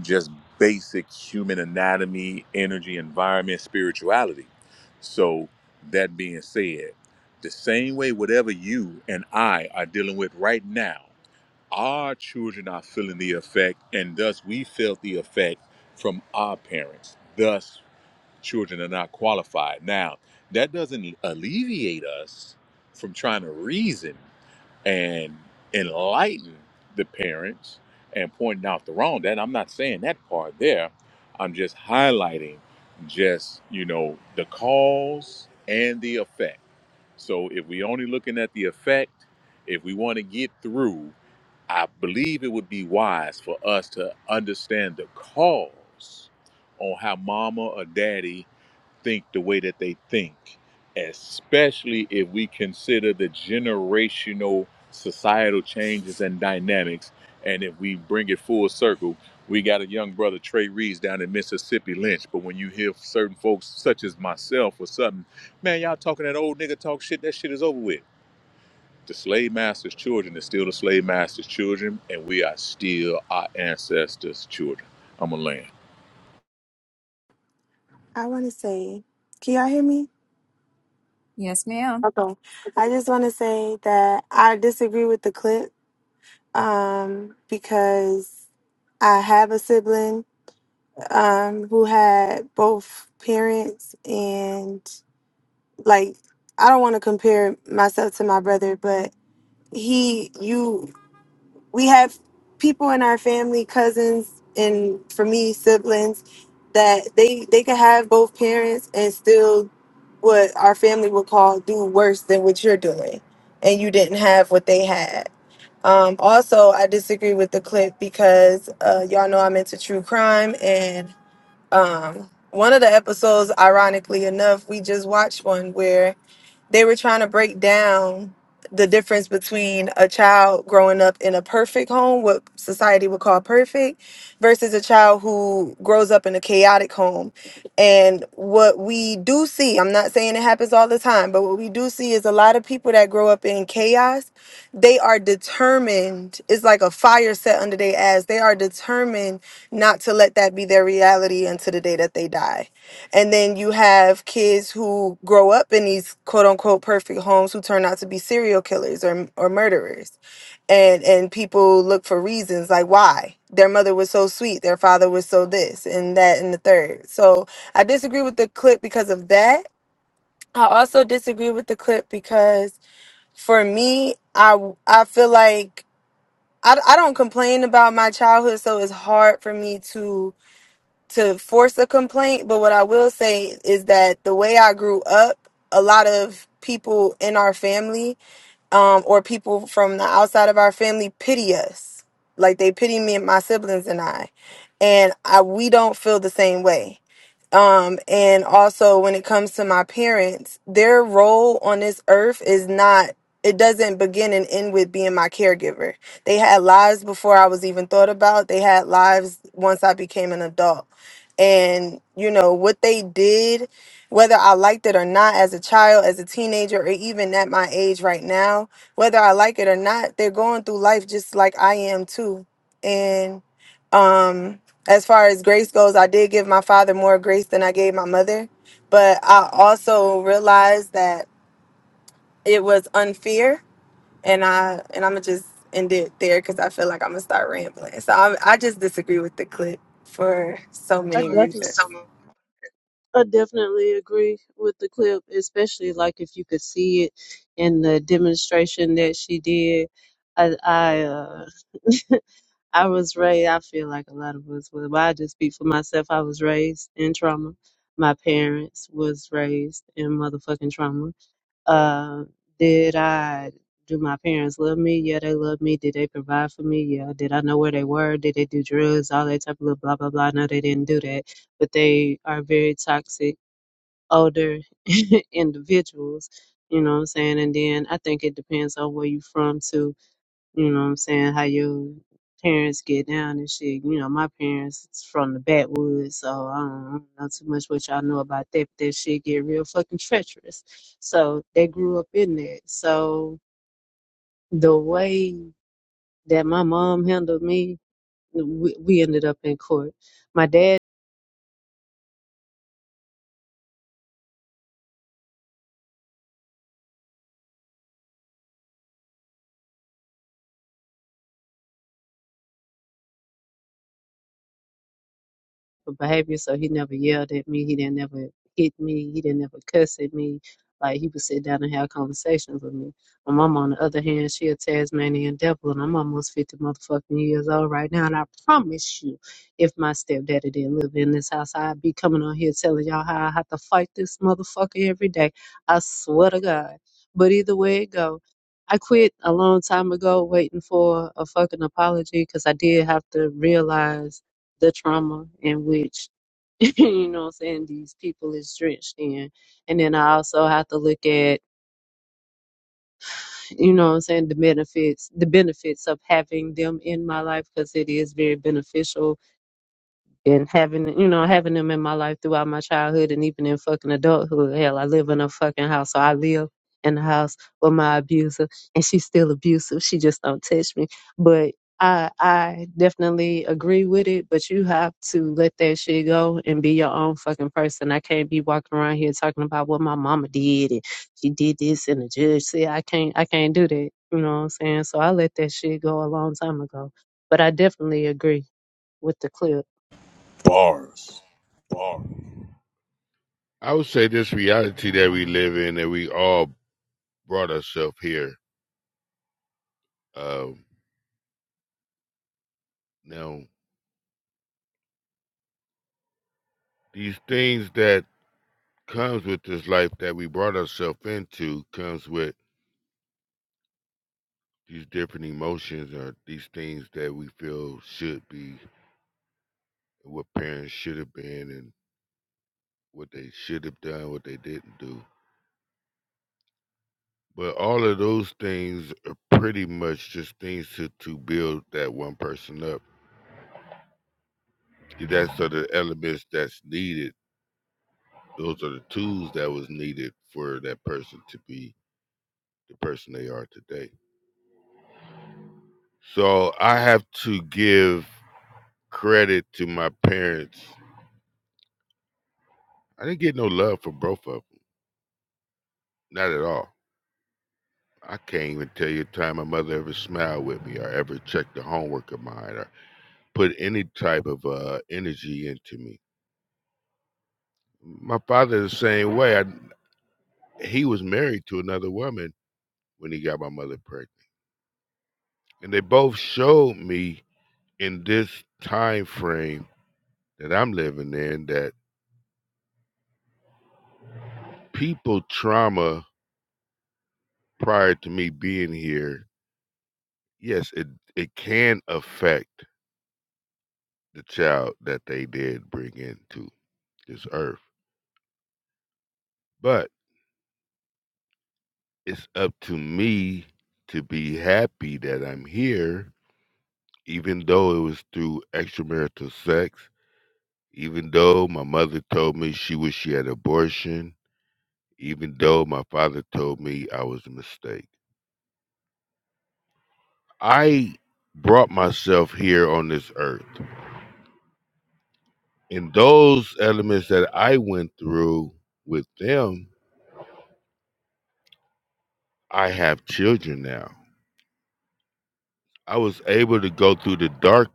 just basic human anatomy, energy, environment, spirituality. So, that being said, the same way whatever you and I are dealing with right now, our children are feeling the effect, and thus we felt the effect from our parents. Thus, children are not qualified. Now, that doesn't alleviate us from trying to reason and enlighten the parents and pointing out the wrong. That I'm not saying that part there. I'm just highlighting just, you know, the cause and the effect. So if we only looking at the effect, if we want to get through, I believe it would be wise for us to understand the cause on how mama or daddy think the way that they think, especially if we consider the generational societal changes and dynamics. And if we bring it full circle, we got a young brother, Trey Reeves, down in Mississippi Lynch. But when you hear certain folks, such as myself or something, man, y'all talking that old nigga talk shit, that shit is over with. The slave master's children is still the slave master's children, and we are still our ancestors' children. I'm going to land. I want to say. Can y'all hear me? Yes, ma'am. Okay. I just want to say that I disagree with the clip um, because I have a sibling um, who had both parents and like I don't want to compare myself to my brother, but he, you, we have people in our family, cousins, and for me, siblings that they they could have both parents and still what our family would call do worse than what you're doing, and you didn't have what they had. Um, also, I disagree with the clip because uh, y'all know I'm into true crime and um one of the episodes ironically enough we just watched one where they were trying to break down the difference between a child growing up in a perfect home what society would call perfect versus a child who grows up in a chaotic home and what we do see i'm not saying it happens all the time but what we do see is a lot of people that grow up in chaos they are determined it's like a fire set under their ass they are determined not to let that be their reality until the day that they die and then you have kids who grow up in these quote unquote perfect homes who turn out to be serial killers or, or murderers and and people look for reasons like why their mother was so sweet their father was so this and that and the third so i disagree with the clip because of that i also disagree with the clip because for me i i feel like I, I don't complain about my childhood, so it's hard for me to to force a complaint. But what I will say is that the way I grew up, a lot of people in our family, um, or people from the outside of our family, pity us. Like they pity me and my siblings and I, and I we don't feel the same way um, and also when it comes to my parents, their role on this earth is not it doesn't begin and end with being my caregiver. They had lives before I was even thought about. They had lives once I became an adult. And you know, what they did, whether I liked it or not as a child, as a teenager, or even at my age right now, whether I like it or not, they're going through life just like I am too. And um as far as grace goes, I did give my father more grace than I gave my mother, but I also realized that it was unfair, and I and I'm gonna just end it there because I feel like I'm gonna start rambling. So i I just disagree with the clip for so Yeah, I many love reasons. I definitely agree with the clip, especially like if you could see it in the demonstration that she did. I I, uh, I was raised. I feel like a lot of us were. But I just speak for myself. I was raised in trauma. My parents was raised in motherfucking trauma. Uh, did I? Do my parents love me? Yeah, they love me. Did they provide for me? Yeah. Did I know where they were? Did they do drugs? All that type of little blah blah blah. No, they didn't do that, but they are very toxic older individuals. You know what I'm saying? And then I think it depends on where you from too. You know what I'm saying? How your parents get down and shit. You know, my parents is from the backwoods, so I don't, I don't know too much what y'all know about that. But that shit get real fucking treacherous. So they grew up in that. So the way that my mom handled me, we, we ended up in court. My dad for behavior. So he never yelled at me. He didn't never hit me. He didn't ever cuss at me. Like he would sit down and have conversations with me. My mom, on the other hand, she a Tasmanian devil, and I'm almost fifty motherfucking years old right now. And I promise you, if my stepdaddy didn't live in this house, I'd be coming on here telling y'all how I have to fight this motherfucker every day. I swear to God. But either way it go, I quit a long time ago, waiting for a fucking apology, because I did have to realize the trauma in which you know what I'm saying these people is drenched in. And then I also have to look at you know what I'm saying the benefits the benefits of having them in my life because it is very beneficial and having you know having them in my life throughout my childhood and even in fucking adulthood. Hell, I live in a fucking house, so I live in the house with my abuser, and she's still abusive. She just don't touch me, but. I I definitely agree with it, but you have to let that shit go and be your own fucking person. I can't be walking around here talking about what my mama did and she did this and the judge said I can't I can't do that. You know what I'm saying? So I let that shit go a long time ago. But I definitely agree with the clip. Bars. I would say this reality that we live in, that we all brought ourselves here. Um, now, these things that comes with this life that we brought ourselves into comes with these different emotions are these things that we feel should be what parents should have been and what they should have done what they didn't do but all of those things are pretty much just things to, to build that one person up that's are the elements that's needed those are the tools that was needed for that person to be the person they are today so i have to give credit to my parents i didn't get no love from both of them not at all I can't even tell you the time my mother ever smiled with me or ever checked the homework of mine or put any type of uh, energy into me. My father the same way. I, he was married to another woman when he got my mother pregnant, and they both showed me in this time frame that I'm living in that people trauma prior to me being here, yes, it it can affect the child that they did bring into this earth, but It's up to me to be happy that I'm here, even though it was through extramarital sex, even though my mother told me she wished she had abortion, even though my father told me I was a mistake. I brought myself here on this earth. And those elements that I went through with them, I have children now. I was able to go through the dark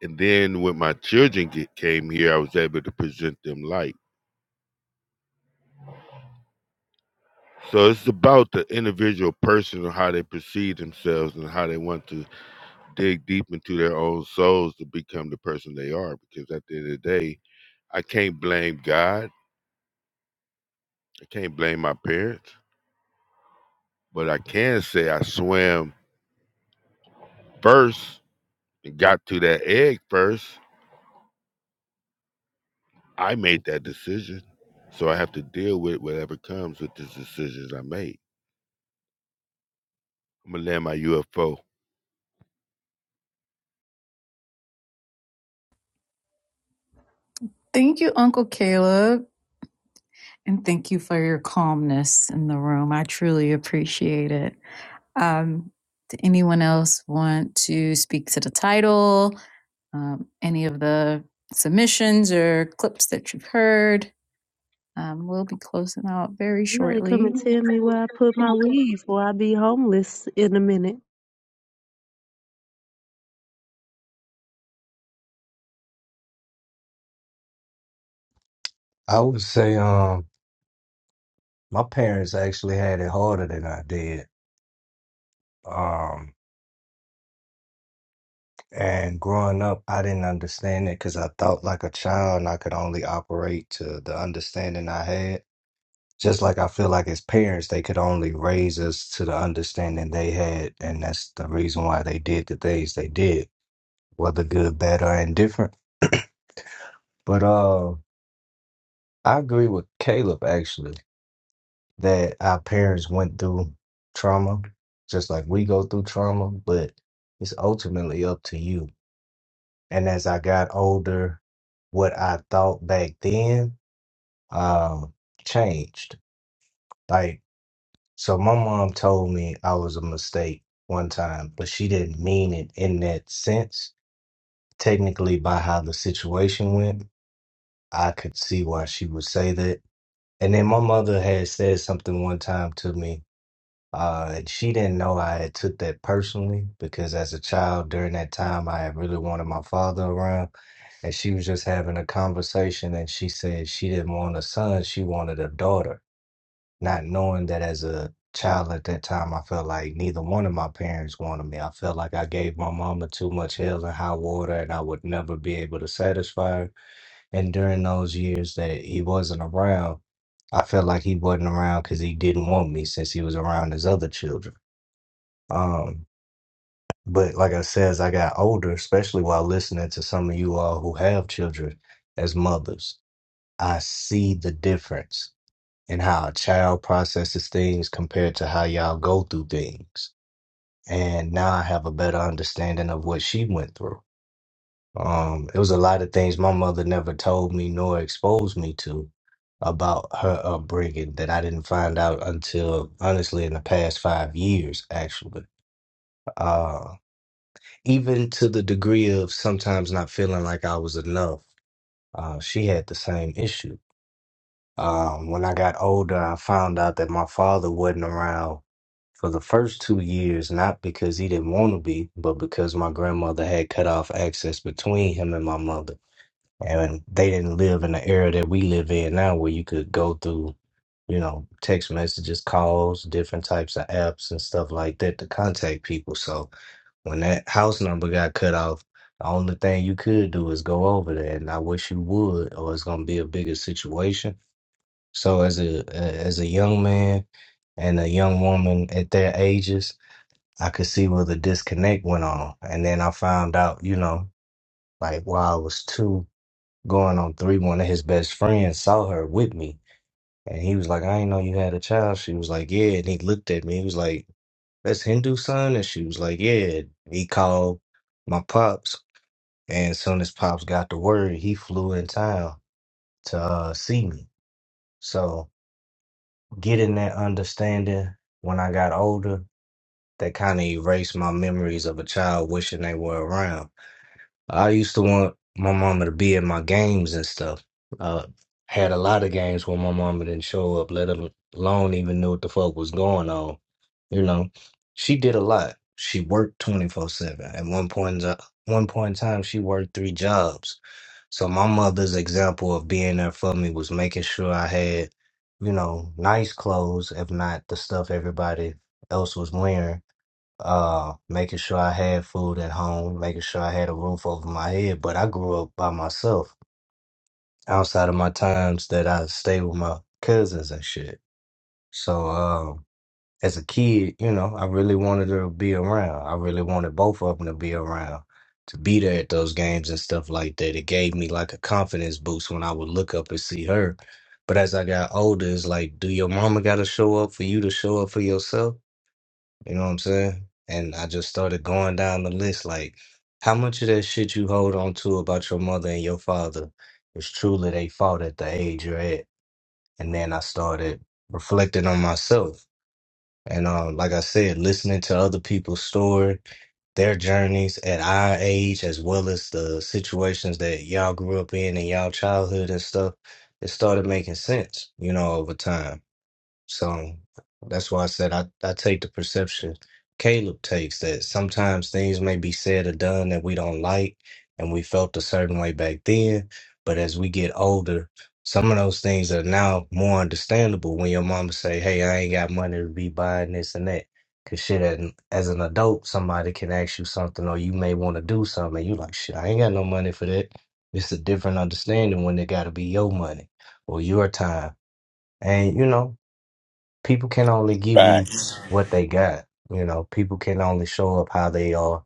And then when my children get, came here, I was able to present them light. So it's about the individual person and how they perceive themselves and how they want to dig deep into their own souls to become the person they are. Because at the end of the day, I can't blame God. I can't blame my parents. But I can say I swam first and got to that egg first. I made that decision. So I have to deal with whatever comes with the decisions I made. I'm going to land my UFO. Thank you, Uncle Caleb. And thank you for your calmness in the room. I truly appreciate it. Um, did anyone else want to speak to the title, um, any of the submissions or clips that you've heard? Um, we'll be closing out very Somebody come shortly. and tell me where I put keys, or I be homeless in a minute. I would say um my parents actually had it harder than I did. Um and growing up I didn't understand it because I thought like a child and I could only operate to the understanding I had. Just like I feel like as parents, they could only raise us to the understanding they had, and that's the reason why they did the things they did, whether good, bad, or indifferent. But uh, I agree with Caleb actually that our parents went through trauma, just like we go through trauma, but it's ultimately up to you. And as I got older, what I thought back then um changed. Like So my mom told me I was a mistake one time, but she didn't mean it in that sense. Technically, by how the situation went, I could see why she would say that. And then my mother had said something one time to me, uh, and she didn't know I had took that personally because as a child during that time, I had really wanted my father around, and she was just having a conversation, and she said she didn't want a son, she wanted a daughter not knowing that as a child at that time, I felt like neither one of my parents wanted me. I felt like I gave my mama too much hell and high water, and I would never be able to satisfy her. And during those years that he wasn't around, I felt like he wasn't around because he didn't want me since he was around his other children. Um, but like I said, as I got older, especially while listening to some of you all who have children as mothers, I see the difference and how a child processes things compared to how y'all go through things. And now I have a better understanding of what she went through. Um, it was a lot of things my mother never told me nor exposed me to about her upbringing that I didn't find out until honestly in the past five years, actually. Uh, even to the degree of sometimes not feeling like I was enough, uh, she had the same issue. Um, when I got older, I found out that my father wasn't around for the first two years, not because he didn't want to be, but because my grandmother had cut off access between him and my mother. And they didn't live in the era that we live in now where you could go through, you know, text messages, calls, different types of apps and stuff like that to contact people. So when that house number got cut off, the only thing you could do is go over there. And I wish you would, or it's gonna be a bigger situation. So as a as a young man and a young woman at their ages, I could see where the disconnect went on. And then I found out, you know, like while I was two going on three, one of his best friends saw her with me. And he was like, I didn't know you had a child. She was like, Yeah. And he looked at me. He was like, That's Hindu son. And she was like, Yeah. He called my pops. And as soon as pops got the word, he flew in town to uh, see me. So getting that understanding when I got older, that kind of erased my memories of a child wishing they were around I used to want my mama to be at my games and stuff. Uh, had a lot of games where my mama didn't show up, let al- alone even knew what the fuck was going on. You know, she did a lot. She worked 24/7. At one point, in ti- one point in time, she worked three jobs. So my mother's example of being there for me was making sure I had, you know, nice clothes, if not the stuff everybody else was wearing uh making sure I had food at home, making sure I had a roof over my head. But I grew up by myself outside of my times that I stayed with my cousins and shit. So um as a kid, you know, I really wanted her to be around. I really wanted both of them to be around, to be there at those games and stuff like that. It gave me like a confidence boost when I would look up and see her. But as I got older, it's like, do your mama gotta show up for you to show up for yourself? You know what I'm saying? And I just started going down the list like how much of that shit you hold on to about your mother and your father is truly they fault at the age you're at. And then I started reflecting on myself. And um, like I said, listening to other people's story, their journeys at our age, as well as the situations that y'all grew up in and y'all childhood and stuff, it started making sense, you know, over time. So that's why I said I, I take the perception Caleb takes that sometimes things may be said or done that we don't like and we felt a certain way back then. But as we get older, some of those things are now more understandable when your mama say, Hey, I ain't got money to be buying this and that. Cause shit, as an as an adult, somebody can ask you something or you may want to do something. And you like, shit, I ain't got no money for that. It's a different understanding when it got to be your money or your time. And you know, people can only give you Facts. what they got. You know, people can only show up how they are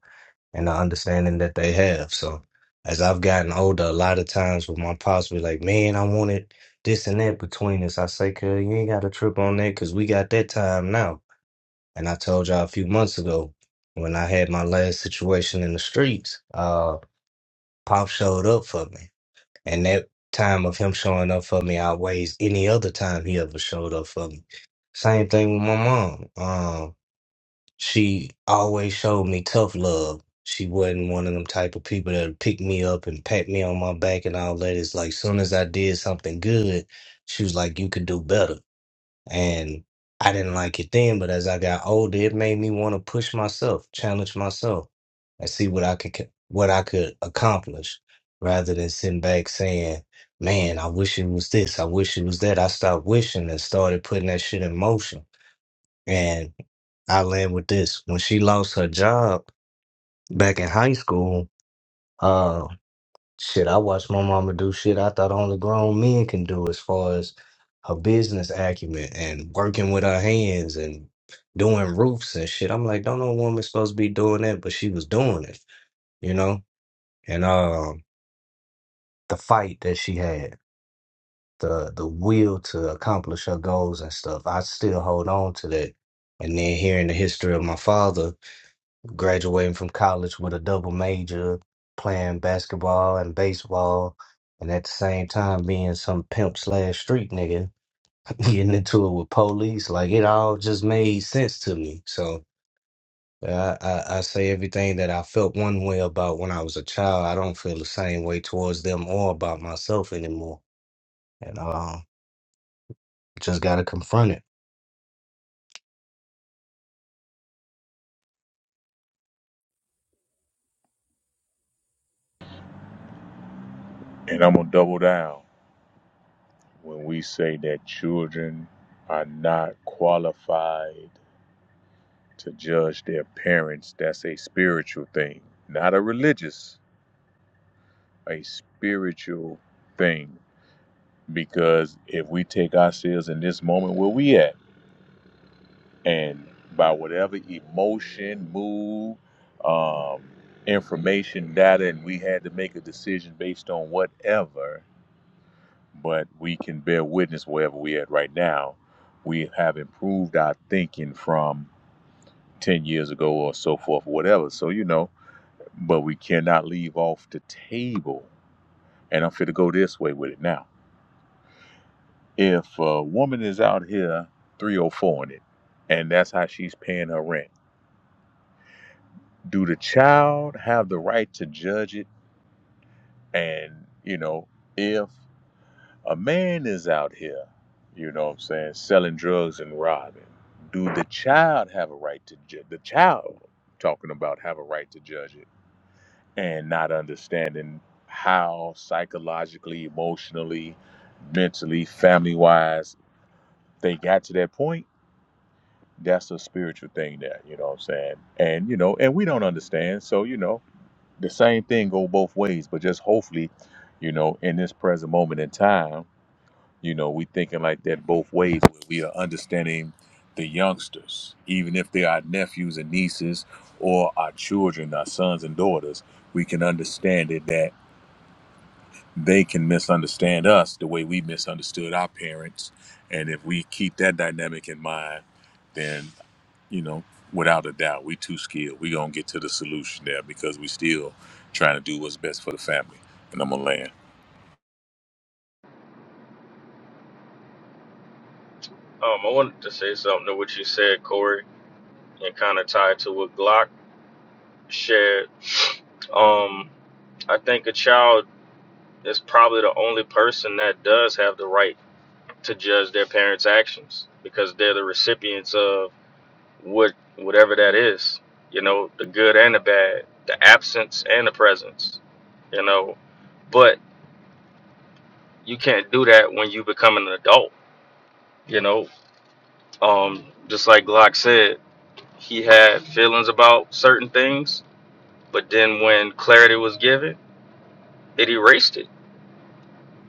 and the understanding that they have. So as I've gotten older, a lot of times with my pops be like, man, I wanted this and that between us. I say, cuz you ain't got to trip on that because we got that time now. And I told y'all a few months ago when I had my last situation in the streets, uh, Pop showed up for me. And that time of him showing up for me outweighs any other time he ever showed up for me. Same thing with my mom. Um, she always showed me tough love. She wasn't one of them type of people that would pick me up and pat me on my back and all that. It's like soon as I did something good, she was like, "You could do better." And I didn't like it then, but as I got older, it made me want to push myself, challenge myself, and see what I could what I could accomplish rather than sitting back saying, Man, I wish it was this, I wish it was that. I stopped wishing and started putting that shit in motion. And I land with this. When she lost her job back in high school, uh, Shit, I watched my mama do shit I thought only grown men can do as far as her business acumen and working with her hands and doing roofs and shit. I'm like, don't no woman supposed to be doing that, but she was doing it, you know? And um the fight that she had, the the will to accomplish her goals and stuff, I still hold on to that. And then hearing the history of my father graduating from college with a double major, playing basketball and baseball, and at the same time being some pimp slash street nigga, getting into it with police. Like it all just made sense to me. So yeah, I, I, I say everything that I felt one way about when I was a child. I don't feel the same way towards them or about myself anymore. And just got to confront it. And I'm going to double down. when we say that children are not qualified to judge their parents, that's a spiritual thing, not a religious, a spiritual thing. Because if we take ourselves in this moment where we at, and by whatever emotion, mood, um, information, data, and we had to make a decision based on whatever, but we can bear witness wherever we're at right now. We have improved our thinking from 10 years ago or so forth, or whatever. So, you know, but we cannot leave off the table. And I'm fit to go this way with it now. If a woman is out here 304 in it, and that's how she's paying her rent, do the child have the right to judge it? And, you know, if A man is out here, you know what I'm saying, selling drugs and robbing. Do the child have a right to judge? The child talking about have a right to judge it and not understanding how psychologically, emotionally, mentally, family wise they got to that point. That's a spiritual thing there, you know what I'm saying? And you know, and we don't understand. So, you know, the same thing go both ways, but just hopefully, you know, in this present moment in time You know, we thinking like that both ways. Where we are understanding the youngsters, even if they are nephews and nieces or our children, our sons and daughters, we can understand it that they can misunderstand us the way we misunderstood our parents. And if we keep that dynamic in mind, then you know, without a doubt, we too skilled. We gonna get to the solution there because we still trying to do what's best for the family. And I'm gonna land. Um, I wanted to say something to what you said, Corey, and kind of tie to what Glock shared. Um, I think a child is probably the only person that does have the right to judge their parents' actions because they're the recipients of what whatever that is. You know, the good and the bad, the absence and the presence. You know, but you can't do that when you become an adult. You know, um, just like Glock said. he had feelings about certain things, but then when clarity was given, it erased it.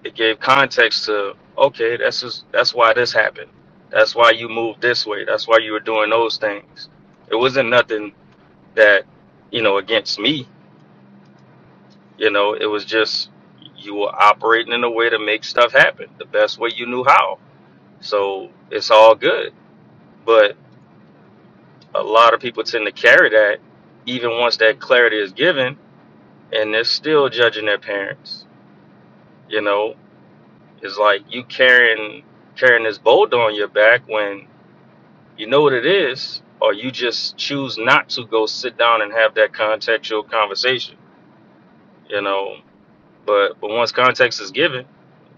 It gave context to okay, that's just, that's why this happened. That's why you moved this way. That's why you were doing those things. It wasn't nothing that you know against me. You know, it was just you were operating in a way to make stuff happen the best way you knew how. So it's all good. But a lot of people tend to carry that even once that clarity is given and they're still judging their parents. You know, it's like you carrying carrying this boulder on your back when you know what it is, or you just choose not to go sit down and have that contextual conversation. You know, but but once context is given,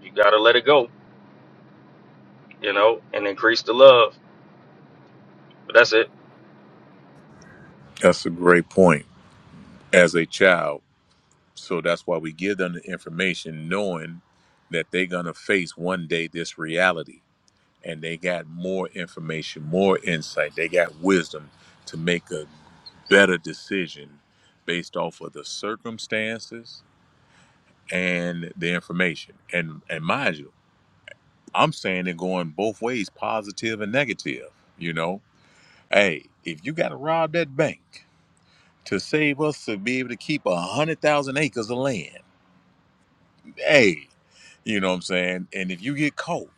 you gotta let it go. You know, and increase the love. But that's it. That's a great point. As a child. So that's why we give them the information knowing that they're going to face one day this reality. And they got more information, more insight, they got wisdom to make a better decision based off of the circumstances and the information. And and mind you, I'm saying it going both ways, positive and negative, you know. Hey, if you gotta rob that bank to save us to be able to keep a hundred thousand acres of land day. You know what I'm saying? And if you get caught,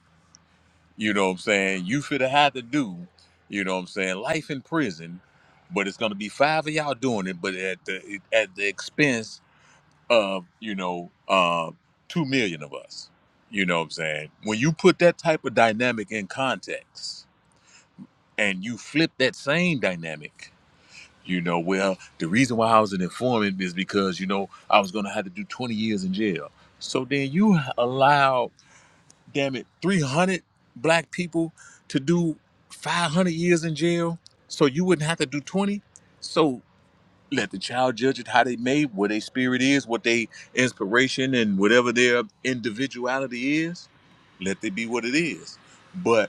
you know what I'm saying, you should have had to do, you know what I'm saying, life in prison, but it's gonna be five of y'all doing it, but at the at the expense of, you know, uh, two million of us. You know what I'm saying? When you put that type of dynamic in context and you flip that same dynamic, you know, well, the reason why I was an informant is because, you know, I was gonna have to do 20 years in jail. So then you allow damn it, 300 black people to do 500 years in jail so you wouldn't have to do 20. So let the child judge it how they made, what their spirit is, what their inspiration and whatever their individuality is. Let it be what it is. But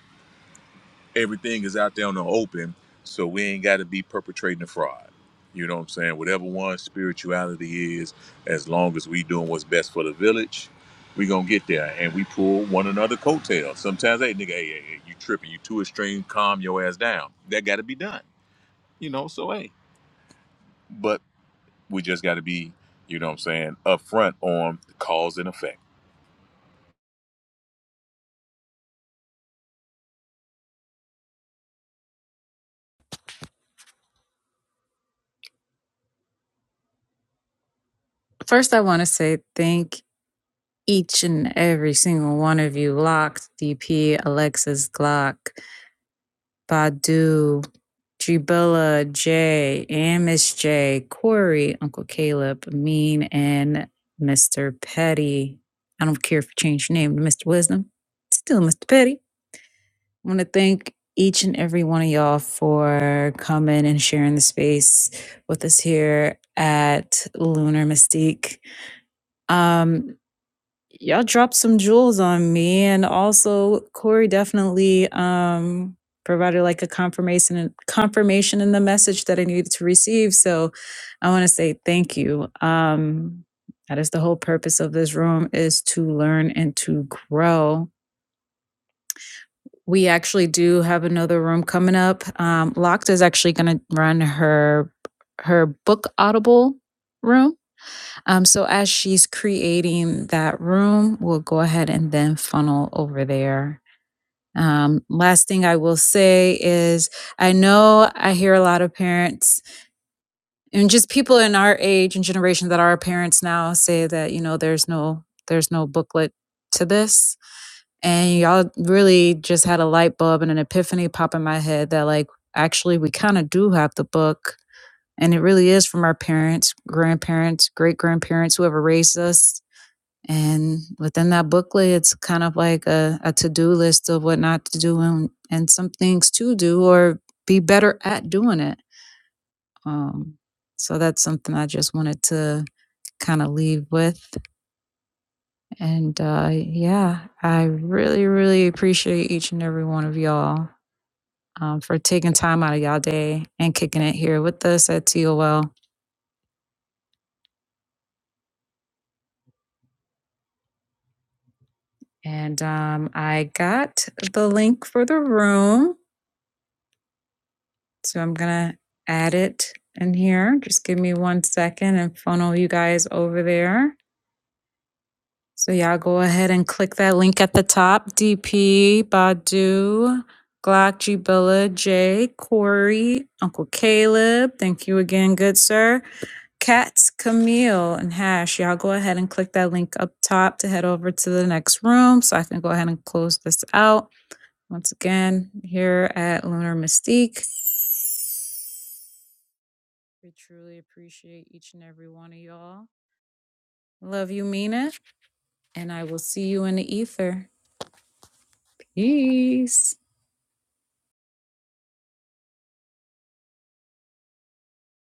everything is out there on the open, so we ain't got to be perpetrating a fraud. You know what I'm saying? Whatever one spirituality is, as long as we doing what's best for the village, we gonna get there. And we pull one another coattails. Sometimes, hey nigga, hey, hey, hey you tripping? You too extreme? Calm your ass down. That got to be done. You know, so hey, but we just got to be, you know what I'm saying, upfront on the cause and effect. First, I want to say thank each and every single one of you, Locked, DP, Alexis, Glock, Badu, Jibilla, Jay, and Miss J, Corey, Uncle Caleb, Mean, and Mr. Petty. I don't care if you change your name to Mr. Wisdom. Still Mr. Petty. I want to thank each and every one of y'all for coming and sharing the space with us here at Lunar Mystique. Um, Y'all dropped some jewels on me, and also Corey definitely um, provided like a confirmation and confirmation in the message that I needed to receive. So I want to say thank you. Um, that is the whole purpose of this room is to learn and to grow. We actually do have another room coming up. Um, Locked is actually going to run her her book audible room um, so as she's creating that room, we'll go ahead and then funnel over there. Um, last thing I will say is I know I hear a lot of parents and just people in our age and generation that are parents now say that, you know, there's no there's no booklet to this. And y'all really just had a light bulb and an epiphany pop in my head that like actually we kind of do have the book and it really is from our parents, grandparents, great grandparents, whoever raised us and within that booklet, it's kind of like a, a to do list of what not to do and, and some things to do or be better at doing it. Um, so that's something I just wanted to kind of leave with. And uh, yeah, I really, really appreciate each and every one of y'all um, for taking time out of y'all day and kicking it here with us at TOL. And um, I got the link for the room. So I'm gonna add it in here. Just give me one second and funnel you guys over there. So y'all go ahead and click that link at the top. DP, Badu, Glock, G Jay, Corey, Uncle Caleb. Thank you again, good sir. Cats, Camille, and Hash. Y'all go ahead and click that link up top to head over to the next room so I can go ahead and close this out. Once again, here at Lunar Mystique. We truly appreciate each and every one of y'all. Love you, Mina. And I will see you in the ether. Peace.